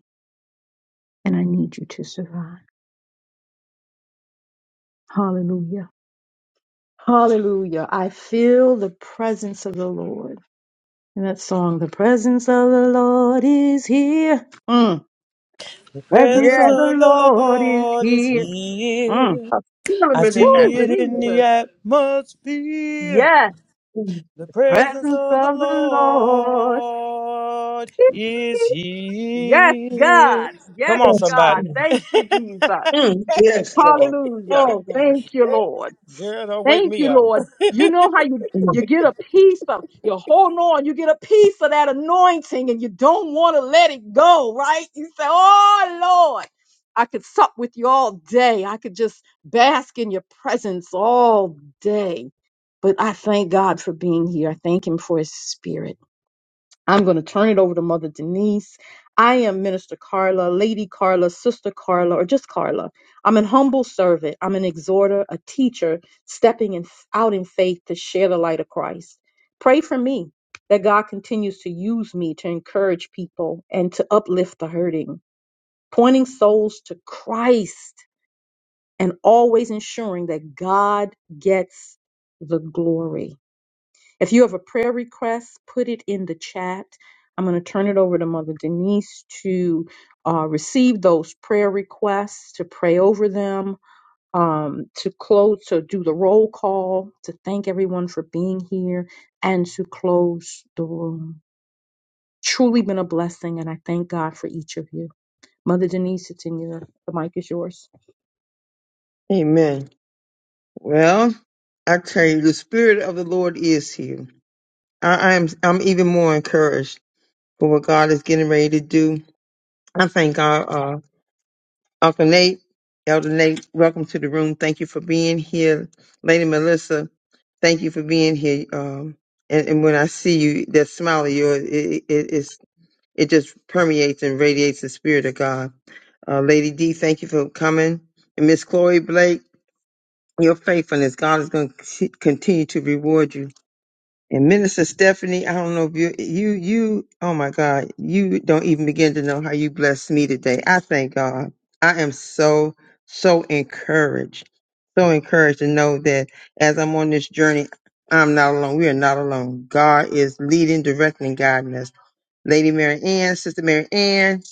and I need you to survive. Hallelujah. Hallelujah. I feel the presence of the Lord. In that song, the presence of the Lord is here. Mm. The Presence presence yes, of the of the Lord is Lord is here. Mm. here. I feel him I in the see Woo, it in atmosphere. the Jesus. atmosphere. Yes. The presence presence of the of the Lord. Lord is Yes, God. here. Yes, Come on, God. somebody. Thank you, Jesus. Mm, yes. Lord. Hallelujah. Thank you, Lord. Girl, don't wake Thank me you, up. Lord. You know how you, Mm. you get a piece of, you're holding on, you get a piece of that anointing and you don't want to let it go, right? You say, Oh, Lord, I could sup with you all day. I could just bask in your presence all day. But I thank God for being here. I thank Him for His Spirit. I'm going to turn it over to Mother Denise. I am Minister Carla, Lady Carla, Sister Carla, or just Carla. I'm an humble servant. I'm an exhorter, a teacher, stepping in, out in faith to share the light of Christ. Pray for me that God continues to use me to encourage people and to uplift the hurting, pointing souls to Christ and always ensuring that God gets the glory. If you have a prayer request, put it in the chat. I'm going to turn it over to Mother Denise to uh, receive those prayer requests, to pray over them, um, to close, to do the roll call, to thank everyone for being here, and to close the room. Truly been a blessing, and I thank God for each of you. Mother Denise, it's in your, the mic is yours. Amen. Well, I tell you, the spirit of the Lord is here. I, I'm I'm even more encouraged for what God is getting ready to do. I thank God, uh, Uncle Nate, Elder Nate, welcome to the room. Thank you for being here, Lady Melissa. Thank you for being here. Um, and, and when I see you, that smile of yours, it, it it's, it just permeates and radiates the spirit of God. Uh, Lady D, thank you for coming, and Miss Chloe Blake, your faithfulness, God is going to continue to reward you. And Minister Stephanie, I don't know if you, you, you, oh my God, you don't even begin to know how you blessed me today. I thank God. I am so, so encouraged, so encouraged to know that as I'm on this journey, I'm not alone. We are not alone. God is leading, directing, and guiding us. Lady Mary Ann, Sister Mary Ann,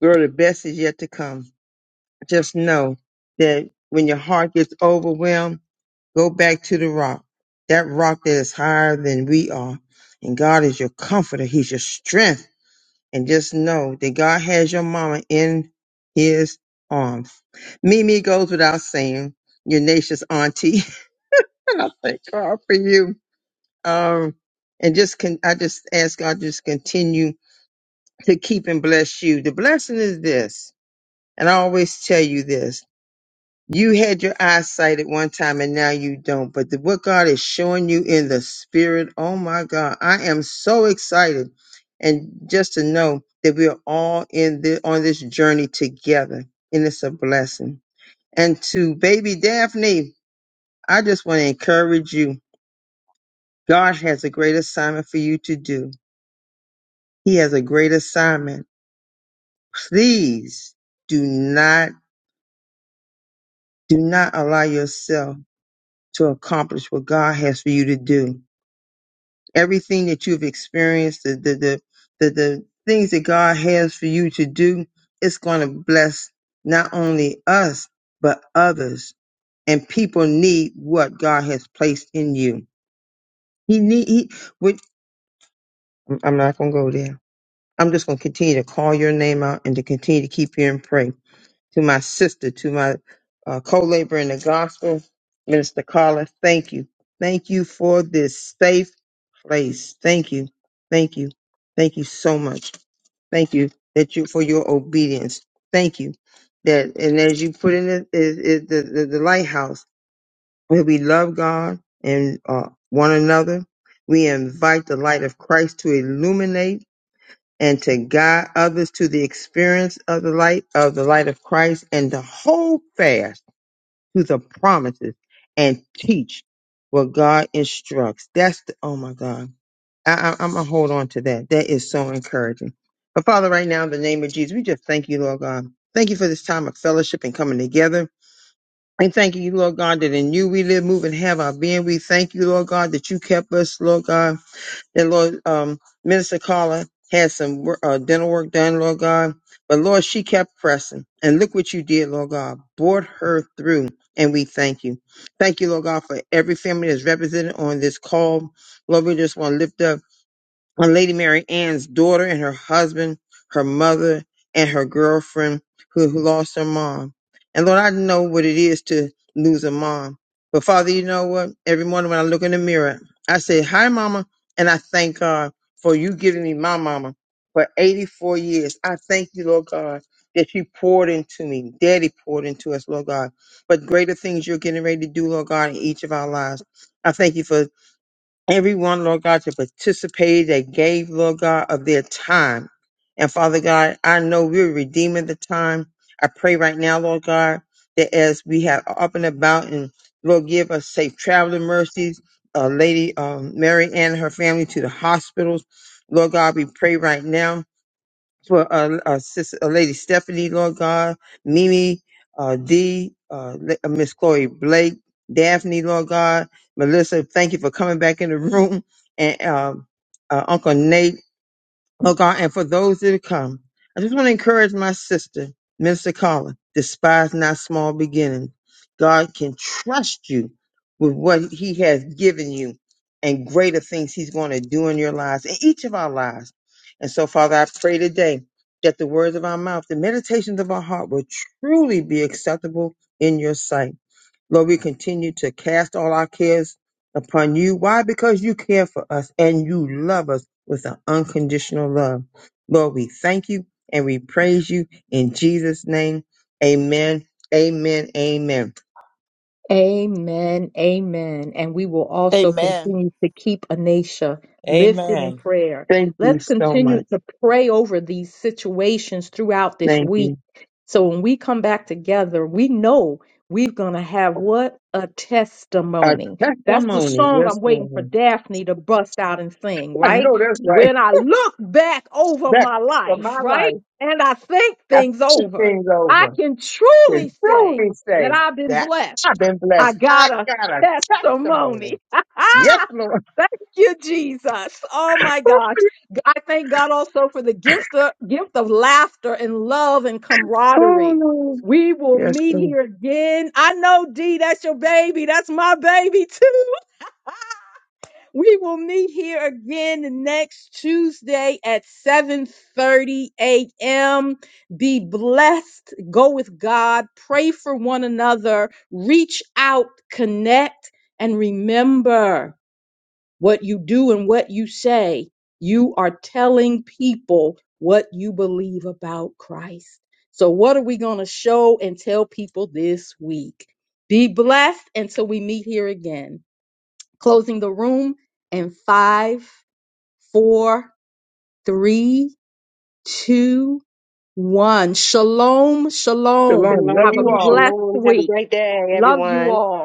girl, the best is yet to come. Just know that when your heart gets overwhelmed, Go back to the rock, that rock that is higher than we are. And God is your comforter. He's your strength. And just know that God has your mama in his arms. Mimi goes without saying, your nation's auntie. and I thank God for you. Um, and just can, I just ask God to just continue to keep and bless you. The blessing is this, and I always tell you this. You had your eyesight at one time and now you don't. But the, what God is showing you in the spirit, oh my God, I am so excited. And just to know that we are all in the, on this journey together, and it's a blessing. And to baby Daphne, I just want to encourage you. God has a great assignment for you to do. He has a great assignment. Please do not, do not allow yourself to accomplish what God has for you to do everything that you've experienced, the the the the, the things that God has for you to do, it's going to bless not only us but others. And people need what God has placed in you. He need. He, which, I'm not going to go there. I'm just going to continue to call your name out and to continue to keep you in prayer to my sister, to my uh, co laborer in the gospel, Minister Carla. Thank you. Thank you for this safe place. Thank you. Thank you. Thank you so much. Thank you that you for your obedience. Thank you that and as you put in it, it, the, the the lighthouse where we love God and uh, one another. We invite the light of Christ to illuminate and to guide others to the experience of the light of the light of Christ and to hold fast to the promises and teach what God instructs. That's the, oh my God. I, I, I'm gonna hold on to that. That is so encouraging. But Father, right now in the name of Jesus, we just thank you, Lord God. Thank you for this time of fellowship and coming together. And thank you, Lord God, that in you we live, move, and have our being. We thank you, Lord God, that you kept us, Lord God that Lord, um, Minister Carla had some wor- uh, dental work done, Lord God. But Lord, she kept pressing. And look what you did, Lord God. Brought her through. And we thank you. Thank you, Lord God, for every family that's represented on this call. Lord, we just want to lift up on Lady Mary Ann's daughter and her husband, her mother, and her girlfriend who who lost her mom. And Lord, I know what it is to lose a mom. But Father, you know what? Every morning when I look in the mirror, I say, Hi, Mama. And I thank God for you giving me my mama for 84 years. I thank you, Lord God, that you poured into me. Daddy poured into us, Lord God. But greater things you're getting ready to do, Lord God, in each of our lives. I thank you for everyone, Lord God, to participate. They gave, Lord God, of their time. And Father God, I know we're redeeming the time. I pray right now, Lord God, that as we have up and about and Lord, give us safe traveling mercies. Uh, Lady um, Mary and her family to the hospitals. Lord God, we pray right now for uh, uh, sis, uh, Lady Stephanie, Lord God, Mimi, uh, D, uh, La- uh, Miss Chloe Blake, Daphne, Lord God, Melissa, thank you for coming back in the room, and um, uh, Uncle Nate oh God, and for those that are come. I just want to encourage my sister, Minister Carla, despise not small beginning. God can trust you with what he has given you and greater things he's going to do in your lives, in each of our lives. And so, Father, I pray today that the words of our mouth, the meditations of our heart will truly be acceptable in your sight. Lord, we continue to cast all our cares upon you. Why? Because you care for us and you love us with an unconditional love. Lord, we thank you and we praise you in Jesus' name. Amen. Amen. Amen. Amen. Amen. And we will also Amen. continue to keep Anisha lifted in Amen. prayer. Thank you Let's so continue much. to pray over these situations throughout this Thank week. you. So when we come back together, we know we're going to have what? A A testimony. That's the testimony. song Yes, I'm waiting for Lord. Daphne to bust out and sing, I right? know that's right. When I look back over That my for my life, right? life, And I think I things think over, things I over can to truly say truly say that I've been that blessed. I've been I blessed. I got a got a testimony. testimony. Yes, Lord. Thank you, Jesus. Oh my gosh. I thank God also for the gift of, gift of laughter and love and Oh, camaraderie. no. We will Yes, meet sir. here again. I know, D, that's your baby. That's my baby too. We will meet here again next Tuesday at 7:30 a.m. Be blessed, go with God, pray for one another, reach out, connect, and remember what you do and what you say. You are telling people what you believe about Christ. So what are we going to show and tell people this week? Be blessed until we meet here again closing the room in five, four, three, two, one. Shalom, shalom. Shalom. Love Have a you shalom all. blessed shalom have a week. great day Love you everyone all.